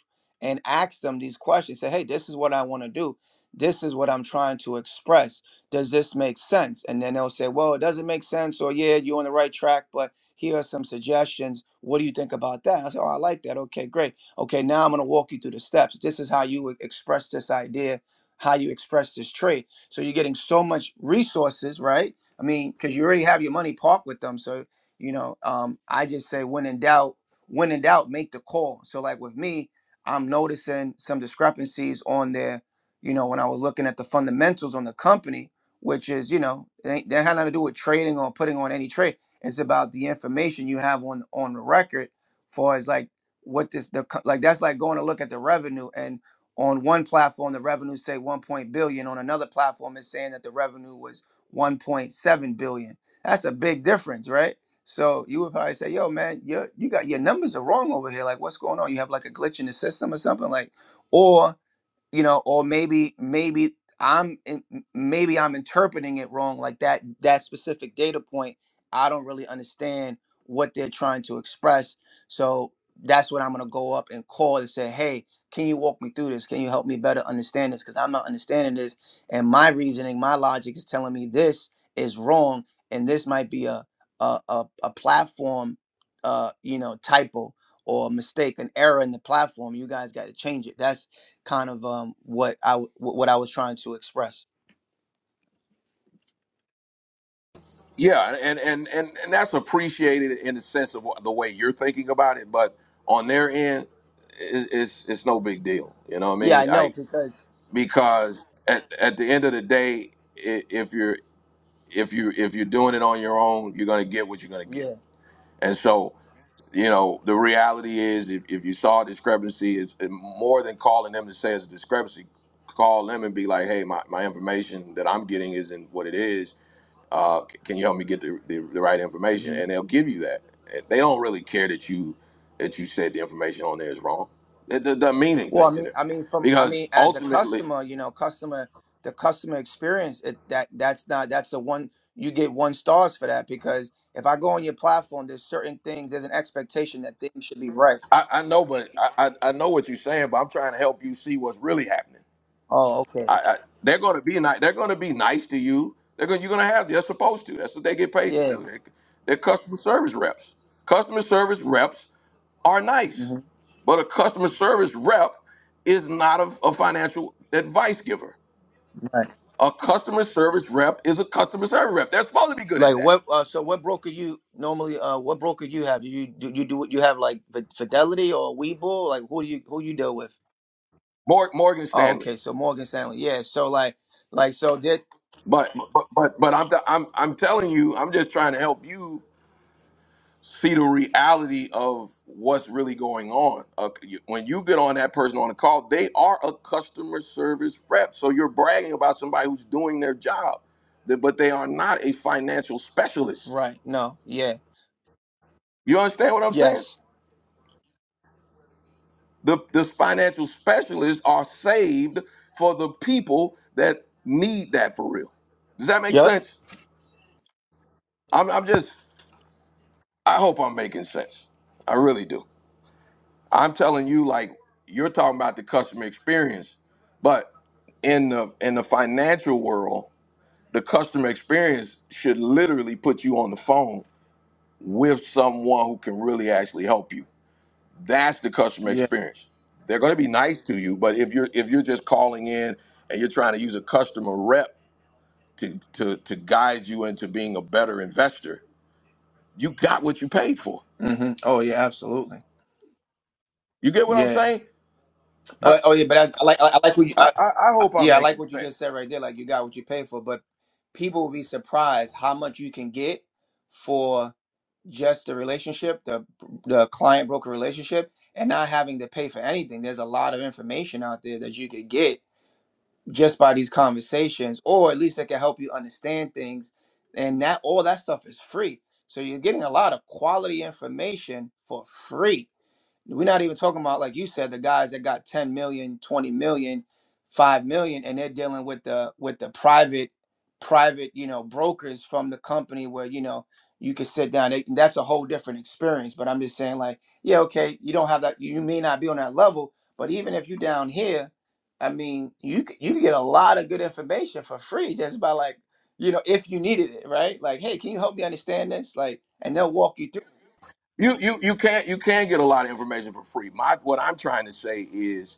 N: and ask them these questions say hey this is what i want to do this is what i'm trying to express does this make sense and then they'll say well it doesn't make sense or yeah you're on the right track but here are some suggestions what do you think about that i say oh i like that okay great okay now i'm going to walk you through the steps this is how you would express this idea how you express this trait so you're getting so much resources right I mean, because you already have your money parked with them. So, you know, um, I just say when in doubt, when in doubt, make the call. So, like with me, I'm noticing some discrepancies on there, you know, when I was looking at the fundamentals on the company, which is, you know, they, they had nothing to do with trading or putting on any trade. It's about the information you have on on the record, for as like what this the co- like that's like going to look at the revenue and on one platform the revenue say 1 point billion on another platform is saying that the revenue was 1.7 billion. That's a big difference, right? So you would probably say, "Yo, man, you you got your numbers are wrong over here. Like, what's going on? You have like a glitch in the system or something." Like, or." you know or maybe maybe i'm in, maybe i'm interpreting it wrong like that that specific data point i don't really understand what they're trying to express so that's what i'm going to go up and call and say hey can you walk me through this can you help me better understand this because i'm not understanding this and my reasoning my logic is telling me this is wrong and this might be a a, a, a platform uh you know typo or mistake an error in the platform you guys got to change it that's kind of um what I w- what I was trying to express.
A: Yeah, and and and and that's appreciated in the sense of the way you're thinking about it, but on their end, it's it's, it's no big deal. You know what I
N: Yeah,
A: mean?
N: I know
A: Like,
N: because
A: because at, at the end of the day i- if you're if you if you're doing it on your own you're going to get what you're going to get
N: yeah.
A: and so you know the reality is if, if you saw a discrepancy is more than calling them to say it's a discrepancy call them and be like hey my, my information that i'm getting isn't what it is uh, c- can you help me get the, the, the right information
N: hmm
A: and they'll give you that they don't really care that you that you said the information on there is wrong it, it doesn't mean
N: Well, I
A: anything to
N: mean,
A: them
N: I mean, from I mean,
A: because
N: as a
A: ultimately
N: customer, you know, customer, the customer experience it, that that's not that's the one you get one stars for that because if I go on your platform, there's certain things, there's an expectation that things should be right.
A: I, I know, but I, I, I know what you're saying, but I'm trying to help you see what's really happening.
N: Oh, okay,
A: I, I, they're going to be nice. They're going to be nice to you. They're going. You're going to have. They're supposed to. That's what they get paid to
N: yeah,
A: do. They, they're customer service reps. Customer service reps are nice,
N: hmm
A: but a customer service rep is not a, a financial advice giver.
N: right.
A: A customer service rep is a customer service rep. They're supposed to be good at
N: Like
A: that.
N: what? Uh, so what broker you normally? Uh, what broker you have? Do you do you do you have like Fi- Fidelity or Webull? Like who you who you deal with?
A: Mor- Morgan
N: Oh,
A: Stanley.
N: okay. So Morgan Stanley. Yeah. So like, like, so did
A: But but but but I'm I'm I'm telling you, I'm just trying to help you see the reality of what's really going on. Uh, you- when you get on that person on the call, they are a customer service rep. So you're bragging about somebody who's doing their job, th- but they are not a financial specialist.
N: right? No. Yeah.
A: You understand what I'm saying?
N: Yes.
A: The, the financial specialists are saved for the people that need that for real. Does that make
N: Yep.
A: sense? I'm, I'm just, I hope I'm making sense. I really do. I'm telling you, like you're talking about the customer experience, but in the in the financial world, the customer experience should literally put you on the phone with someone who can really actually help you. That's the customer
N: Yeah.
A: experience. They're going to be nice to you, but if you're if you're just calling in and you're trying to use a customer rep to to to guide you into being a better investor, you got what you paid for.
N: hmm Oh yeah. Absolutely.
A: You get what I'm
N: Yeah.
A: saying? I
N: But oh yeah. But that's, I like I like what you. I,
A: I, I I
N: I-
A: hope I'm
N: yeah, I like
A: making
N: what you
A: sense.
N: just said right there. Like you got what you pay for, but people will be surprised how much you can get for just the relationship, the the client broker relationship, and not having to pay for anything. There's a lot of information out there that you could get just by these conversations, or at least that can help you understand things. And that all that stuff is free. So you're getting a lot of quality information for free we're not even talking about, like you said, the guys that got ten million, twenty million, five million, and they're dealing with the with the private, private, you know, brokers from the company where, you know, you can sit down. They, that's a whole different experience. But I'm just saying, like, yeah, okay, you don't have that, you may not be on that level, but even if you're down here, I mean, you c- you can get a lot of good information for free just by like, you know, if you needed it, right? Like, hey, can you help me understand this? Like, and they'll walk you
A: You you you can't you can get a lot of information for free. My what I'm trying to say is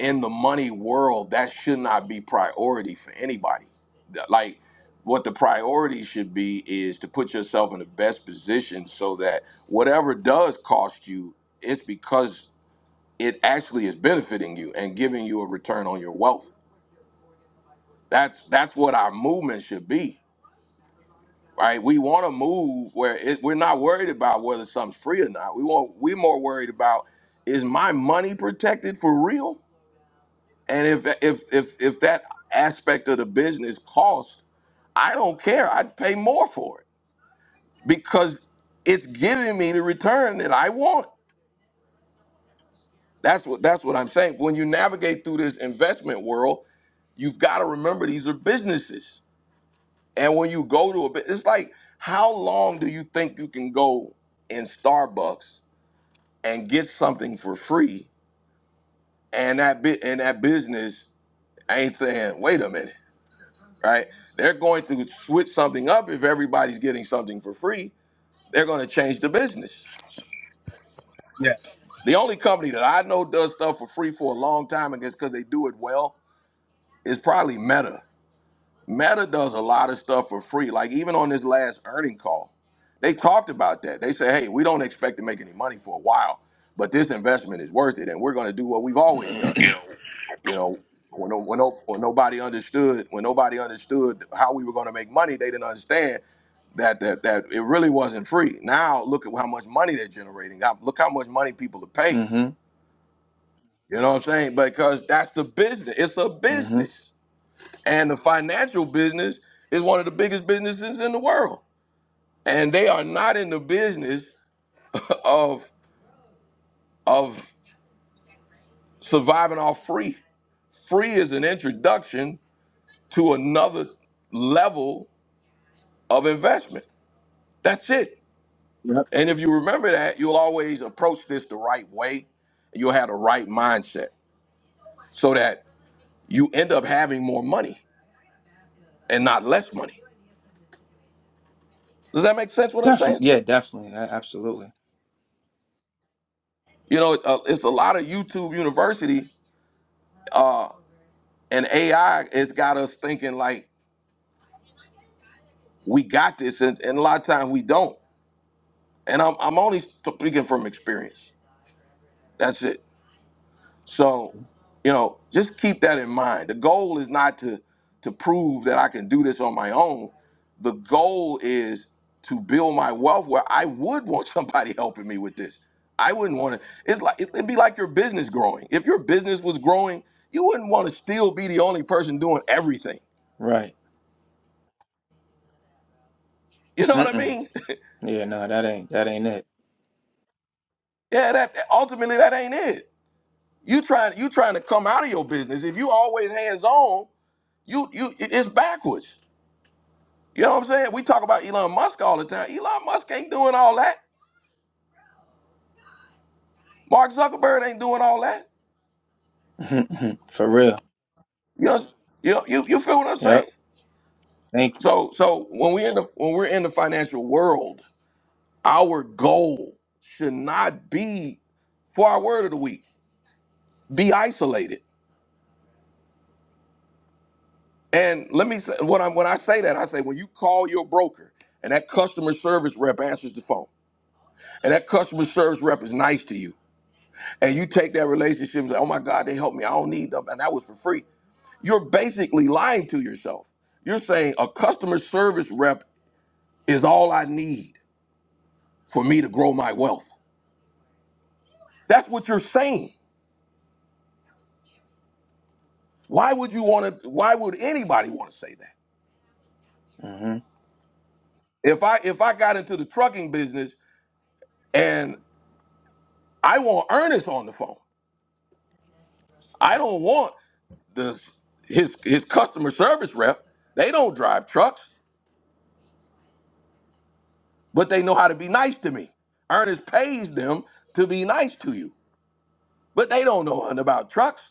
A: in the money world that should not be priority for anybody. That- Like what the priority should be is to put yourself in the best position so that whatever does cost you, it's because it actually is benefiting you and giving you a return on your wealth. That's that's what our movement should be. right? We want to move where it, we're not worried about whether something's free or not. We want we're more worried about is my money protected for real? And if if if if that aspect of the business cost, I don't care. I'd pay more for it because it's giving me the return that I want. That's what that's what I'm saying. When you navigate through this investment world, you've got to remember these are businesses. And when you go to a bit, it's like how long do you think you can go in Starbucks and get something for free and that bit and that business ain't saying wait a minute right they're going to switch something up if everybody's getting something for free they're going to change the business the only company that i know does stuff for free for a long time and it's because they do it well is probably meta meta does a lot of stuff for free like even on this last earning call they talked about that they said hey we don't expect to make any money for a while but this investment is worth it and we're going to do what we've always
N: through.
A: done
N: *clears throat*
A: You know, when no, when, no, when nobody understood, when nobody understood how we were going to make money, they didn't understand that that that it really wasn't free. Now look at how much money they're generating. Now, Look how much money people are paying.
N: Mm-hmm.
A: You know what I'm saying? Because that's the business. It's a
N: Mm-hmm.
A: business, and the financial business is one of the biggest businesses in the world. And they are not in the business of of surviving off free. Free is an introduction to another level of investment. That's it. And if you remember that, you'll always approach this the right way. You'll have the right mindset so that you end up having more money and not less money. Does that make sense what I'm saying?
N: Definitely. Yeah, definitely. A- absolutely.
A: You know, uh, it's a lot of YouTube University uh, and AI has got us thinking like we got this, and, and a lot of times we don't. And I'm, I'm only speaking from experience. That's it. So, you know, just keep that in mind. The goal is not to to prove that I can do this on my own. The goal is to build my wealth where I would want somebody *laughs* helping me with this. I wouldn't want to. It's like it'd be like your business growing. If your business was growing, you wouldn't want to still be the only person doing everything. *laughs*
N: Right.
A: You know what I
N: Mm-mm.
A: mean? *laughs*
N: Yeah, no, that ain't that ain't
A: yeah. That ultimately that ain't it. You trying you trying to come out of your business. If you always hands on, you you it's backwards. You know what I'm saying? We talk about Elon Musk all the time. Elon Musk ain't doing all that. Mark Zuckerberg ain't doing all that.
N: it. *laughs* For real.
A: You know, you you, you feel what I'm saying?
N: Yep. Thank
A: So so when we in the when we're in the financial world, our goal should not be for our word of the week. Be isolated. And let me say when I when I say that, I say when you call your broker and that customer service rep answers the phone and that customer service rep is nice to you and you take that relationship and say, oh my God, they helped me. I don't need them. And that was for free You're basically lying to yourself. You're saying a customer service rep is all I need for me to grow my wealth. That's what you're saying. Why would you want to why would anybody want to say that?
N: you. hmm
A: If I if I got into the trucking business and I want Ernest on the phone. I don't want the his his customer service rep. They don't drive trucks, but they know how to be nice to me. Ernest pays them to be nice to you, but they don't know nothing about trucks.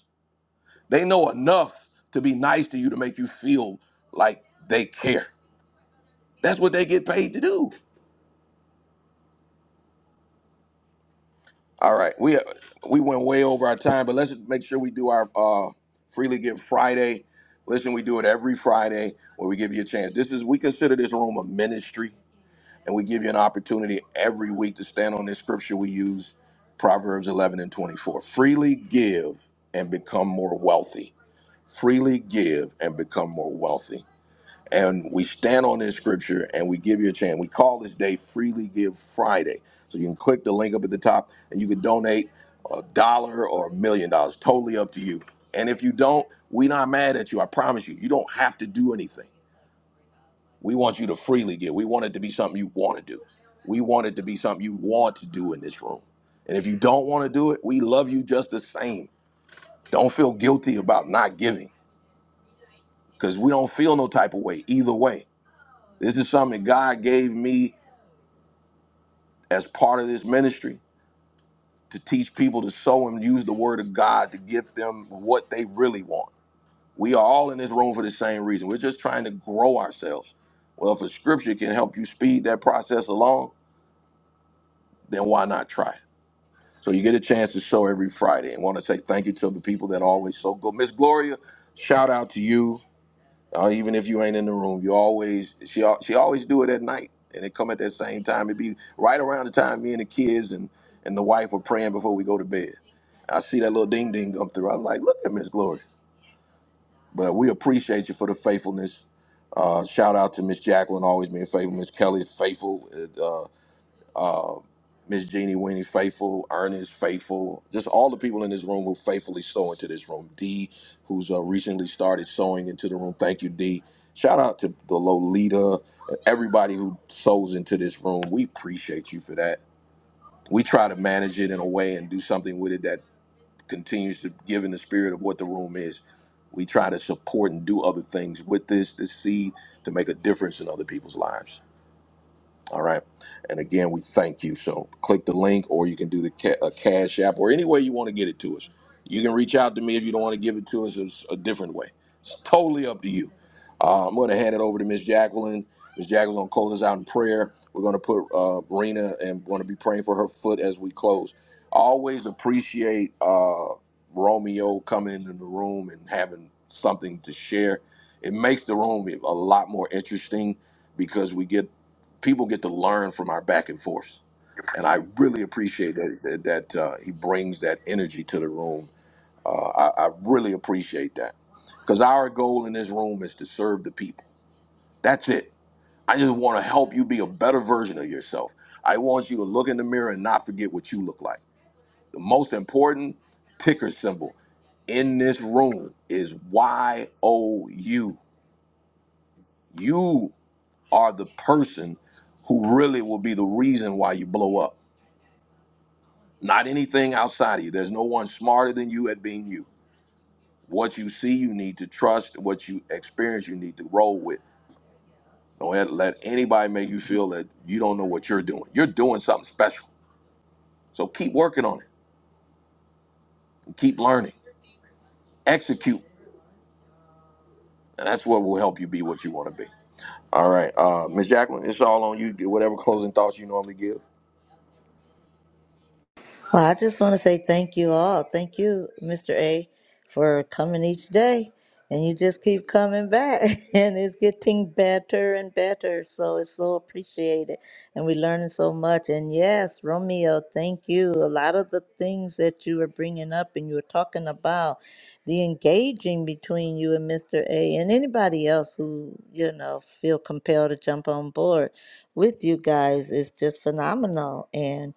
A: They know enough to be nice to you to make you feel like they care. That's what they get paid to do. All right, we we went way over our time, but let's make sure we do our uh, freely give Friday. Listen, we do it every Friday where we give you a chance. This is we consider this room a ministry, and we give you an opportunity every week to stand on this scripture we use, Proverbs 11 and 24. Freely give and become more wealthy. Freely give and become more wealthy. and we stand on this scripture and we give you a chance. We call this day Freely Give Friday. So you can click the link up at the top and you can donate a dollar or a million dollars, totally up to you. And if you don't, we're not mad at you. I promise you, you don't have to do anything. We want you to freely give. We want it to be something you want to do. We want it to be something you want to do in this room. And if you don't want to do it, we love you just the same. Don't feel guilty about not giving because we don't feel no type of way either way. This is something God gave me as part of this ministry to teach people to sow and use the word of God to give them what they really want. We are all in this room for the same reason. We're just trying to grow ourselves. Well, if a scripture can help you speed that process along, then why not try it? So you get a chance to sow every Friday and want to say thank you to the people that always sow. Go, Miss Gloria, shout out to you. Uh, even if you ain't in the room, you always she al- she always do it at night, and it come at that same time. It be right around the time me and the kids and and the wife are praying before we go to bed. I see that little ding ding come through. I'm like, look at Miss Glory. But we appreciate you for the faithfulness. Uh, shout out to Miss Jacqueline, always being faithful. Miss Kelly's faithful uh, Miss Jeannie Weenie, faithful, Ernest, faithful, just all the people in this room who faithfully sow into this room. D, who's uh, recently started sowing into the room. Thank you, D. Shout out to the Lolita, everybody who sows into this room. We appreciate you for that. We try to manage it in a way and do something with it that continues to give in the spirit of what the room is. We try to support and do other things with this, this seed to make a difference in other people's lives. All right. And again, we thank you. So click the link, or you can do the ca- a Cash App, or any way you want to get it to us. You can reach out to me if you don't want to give it to us it's a different way. It's totally up to you. Uh, I'm going to hand it over to Miss Jacqueline. Miss Jacqueline's going to close us out in prayer. We're going to put uh, Rena and going to be praying for her foot as we close. I always appreciate uh, Romeo coming into the room and having something to share. It makes the room a lot more interesting because we get people get to learn from our back and forth. And I really appreciate that that, that, uh, he brings that energy to the room. Uh, I, I really appreciate that because our goal in this room is to serve the people. That's it. I just want to help you be a better version of yourself. I want you to look in the mirror and not forget what you look like. The most important ticker symbol in this room is Y O U. You are the person who really will be the reason why you blow up not anything outside of you. There's no one smarter than you at being you. What you see, you need to trust. What you experience, you need to roll with. Don't let anybody make you feel that you don't know what you're doing. You're doing something special. So keep working on it and keep learning. Execute. And that's what will help you be what you want to be. All right. Uh, Ms. Jacqueline, it's all on you. whatever closing thoughts you normally give.
C: Well, I just want to say thank you all. Thank you, Mr. A, for coming each day. And you just keep coming back, *laughs* and it's getting better and better. So it's so appreciated. And we're learning so much. And yes, Romeo, thank you. A lot of the things that you were bringing up and you were talking about, the engaging between you and Mr. A, and anybody else who, you know, feel compelled to jump on board with you guys is just phenomenal. And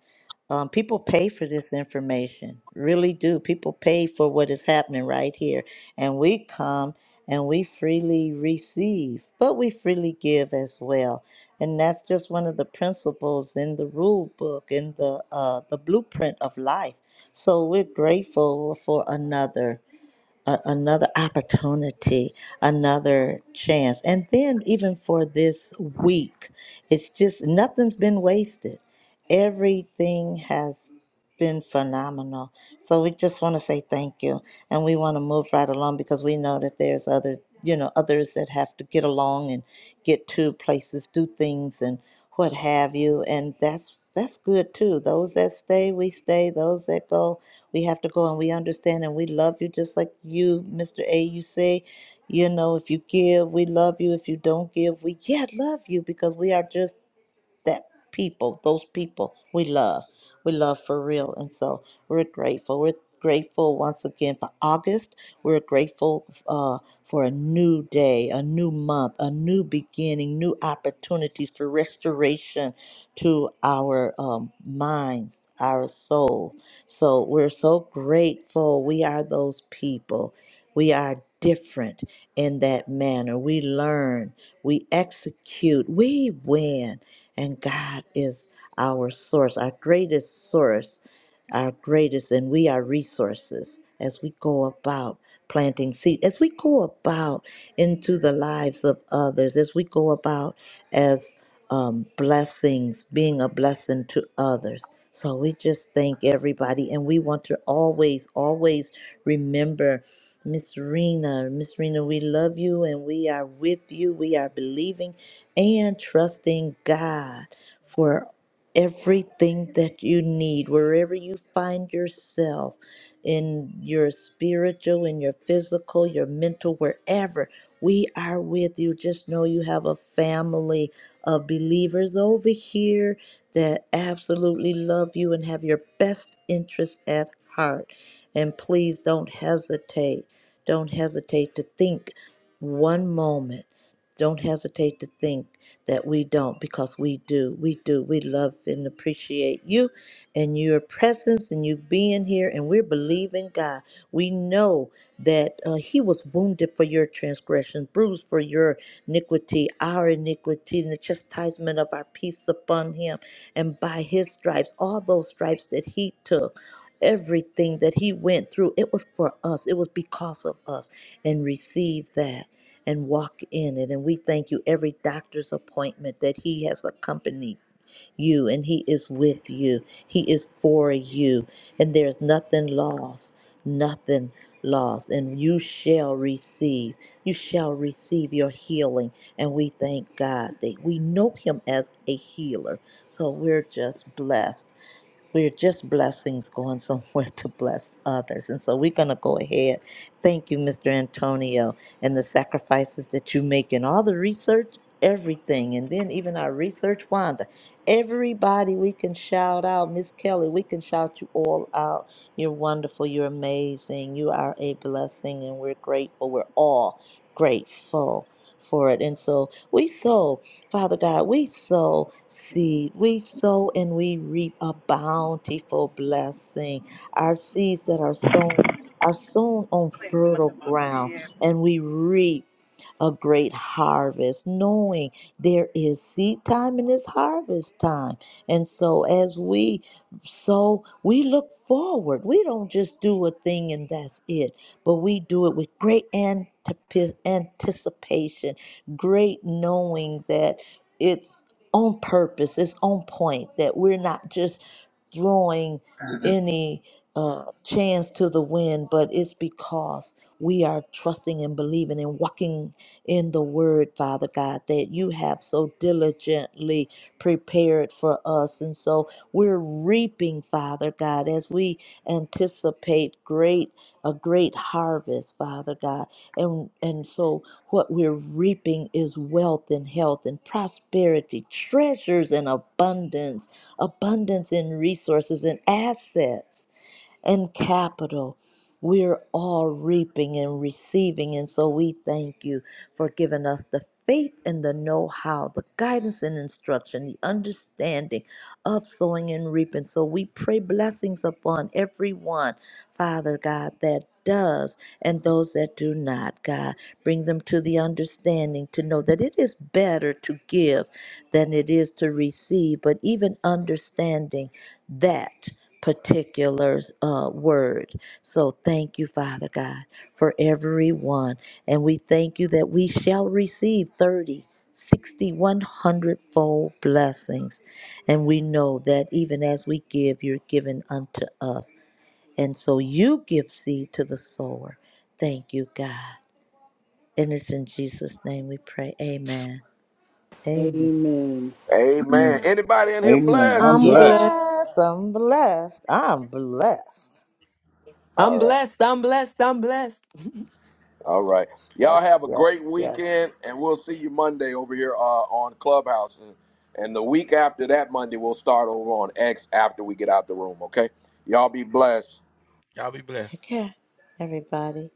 C: um, people pay for this information, really do. People pay for what is happening right here. And we come and we freely receive, but we freely give as well. And that's just one of the principles in the rule book, in the, uh, the blueprint of life. So we're grateful for another a, another opportunity, another chance. And then, even for this week, it's just nothing's been wasted. Everything has been phenomenal. So we just want to say thank you, and we want to move right along because we know that there's other, you know, others that have to get along and get to places, do things, and what have you. And that's that's good too. Those that stay, we stay. Those that go, we have to go and we understand and we love you just like you, Mr. A. You say, you know, if you give, we love you. If you don't give, we yet love you because we are just that people, those people we love. We love for real. And so we're grateful. We're grateful once again for August. We're grateful uh, for a new day, a new month, a new beginning, new opportunities for restoration to our um, minds, our souls. So we're so grateful. We are those people. We are different in that manner. We learn, we execute, we win. And God is our source, our greatest source, our greatest, and we are resources as we go about planting seed, as we go about into the lives of others, as we go about as um, blessings, being a blessing to others. So we just thank everybody, and we want to always, always remember Miss Rena. Miss Rena, we love you and we are with you. We are believing and trusting God for everything that you need, wherever you find yourself in your spiritual, in your physical, your mental, wherever. We are with you. Just know you have a family of believers over here that absolutely love you and have your best interests at heart. And please don't hesitate. Don't hesitate to think one moment don't hesitate to think that we don't because we do. We do. We love and appreciate you and your presence and you being here. And we're believing God. We know that uh, He was wounded for your transgression, bruised for your iniquity, our iniquity, and the chastisement of our peace upon Him. And by His stripes, all those stripes that He took, everything that He went through, it was for us, it was because of us. And receive that and walk in it. And we thank you every doctor's appointment that He has accompanied you and He is with you. He is for you. And there's nothing lost, nothing lost. And you shall receive, you shall receive your healing. And we thank God that we know Him as a healer. So we're just blessed. We're just blessings going somewhere *laughs* to bless others. And so we're going to go ahead. Thank you, Mr. Antonio, and the sacrifices that you make in all the research, everything. And then even our research, Wanda. Everybody we can shout out. Miss Kelly, we can shout you all out. You're wonderful. You're amazing. You are a blessing, and we're grateful. We're all grateful for it. And so we sow. Father God, we sow seed. We sow and we reap a bountiful blessing. Our seeds that are sown are sown on fertile ground and we reap a great harvest, knowing there is seed time and it's harvest time. And so as we sow, we look forward. We don't just do a thing and that's it, but we do it with great antip- anticipation, great knowing that it's on purpose, it's on point that we're not just throwing any uh, chance to the wind, but it's because we are trusting and believing and walking in the word, Father God, that you have so diligently prepared for us. And so we're reaping, Father God, as we anticipate great a great harvest, Father God and and so what we're reaping is wealth and health and prosperity treasures and abundance abundance in resources and assets and capital. We're all reaping and receiving. And so we thank you for giving us the faith and the know how, the guidance and instruction, the understanding of sowing and reaping. So we pray blessings upon everyone, Father God, that does and those that do not, God. Bring them to the understanding to know that it is better to give than it is to receive, but even understanding that particular uh, word. So thank you, Father God, for everyone. And we thank you that we shall receive 30, 60, one hundred fold blessings. And we know that even as we give, you're given unto us. And so you give seed to the sower. Thank you, God. And it's in Jesus' name we pray. Amen. Amen.
D: Amen.
A: Amen.
N: Amen.
A: Anybody in here
N: Amen. I'm
A: blessed?
D: I'm
N: blessed.
D: blessed.
C: Yes, I'm blessed. I'm blessed.
A: All
M: I'm
A: right.
M: blessed. I'm blessed. I'm blessed.
A: All right. Y'all
C: Yes,
A: have a great
C: yes, yes.
A: weekend, and we'll see you Monday over here uh, on Clubhouse. And, and the week after that Monday, we'll start over on X after we get out the room, okay? Y'all be blessed.
O: Y'all be blessed.
C: Take care, everybody.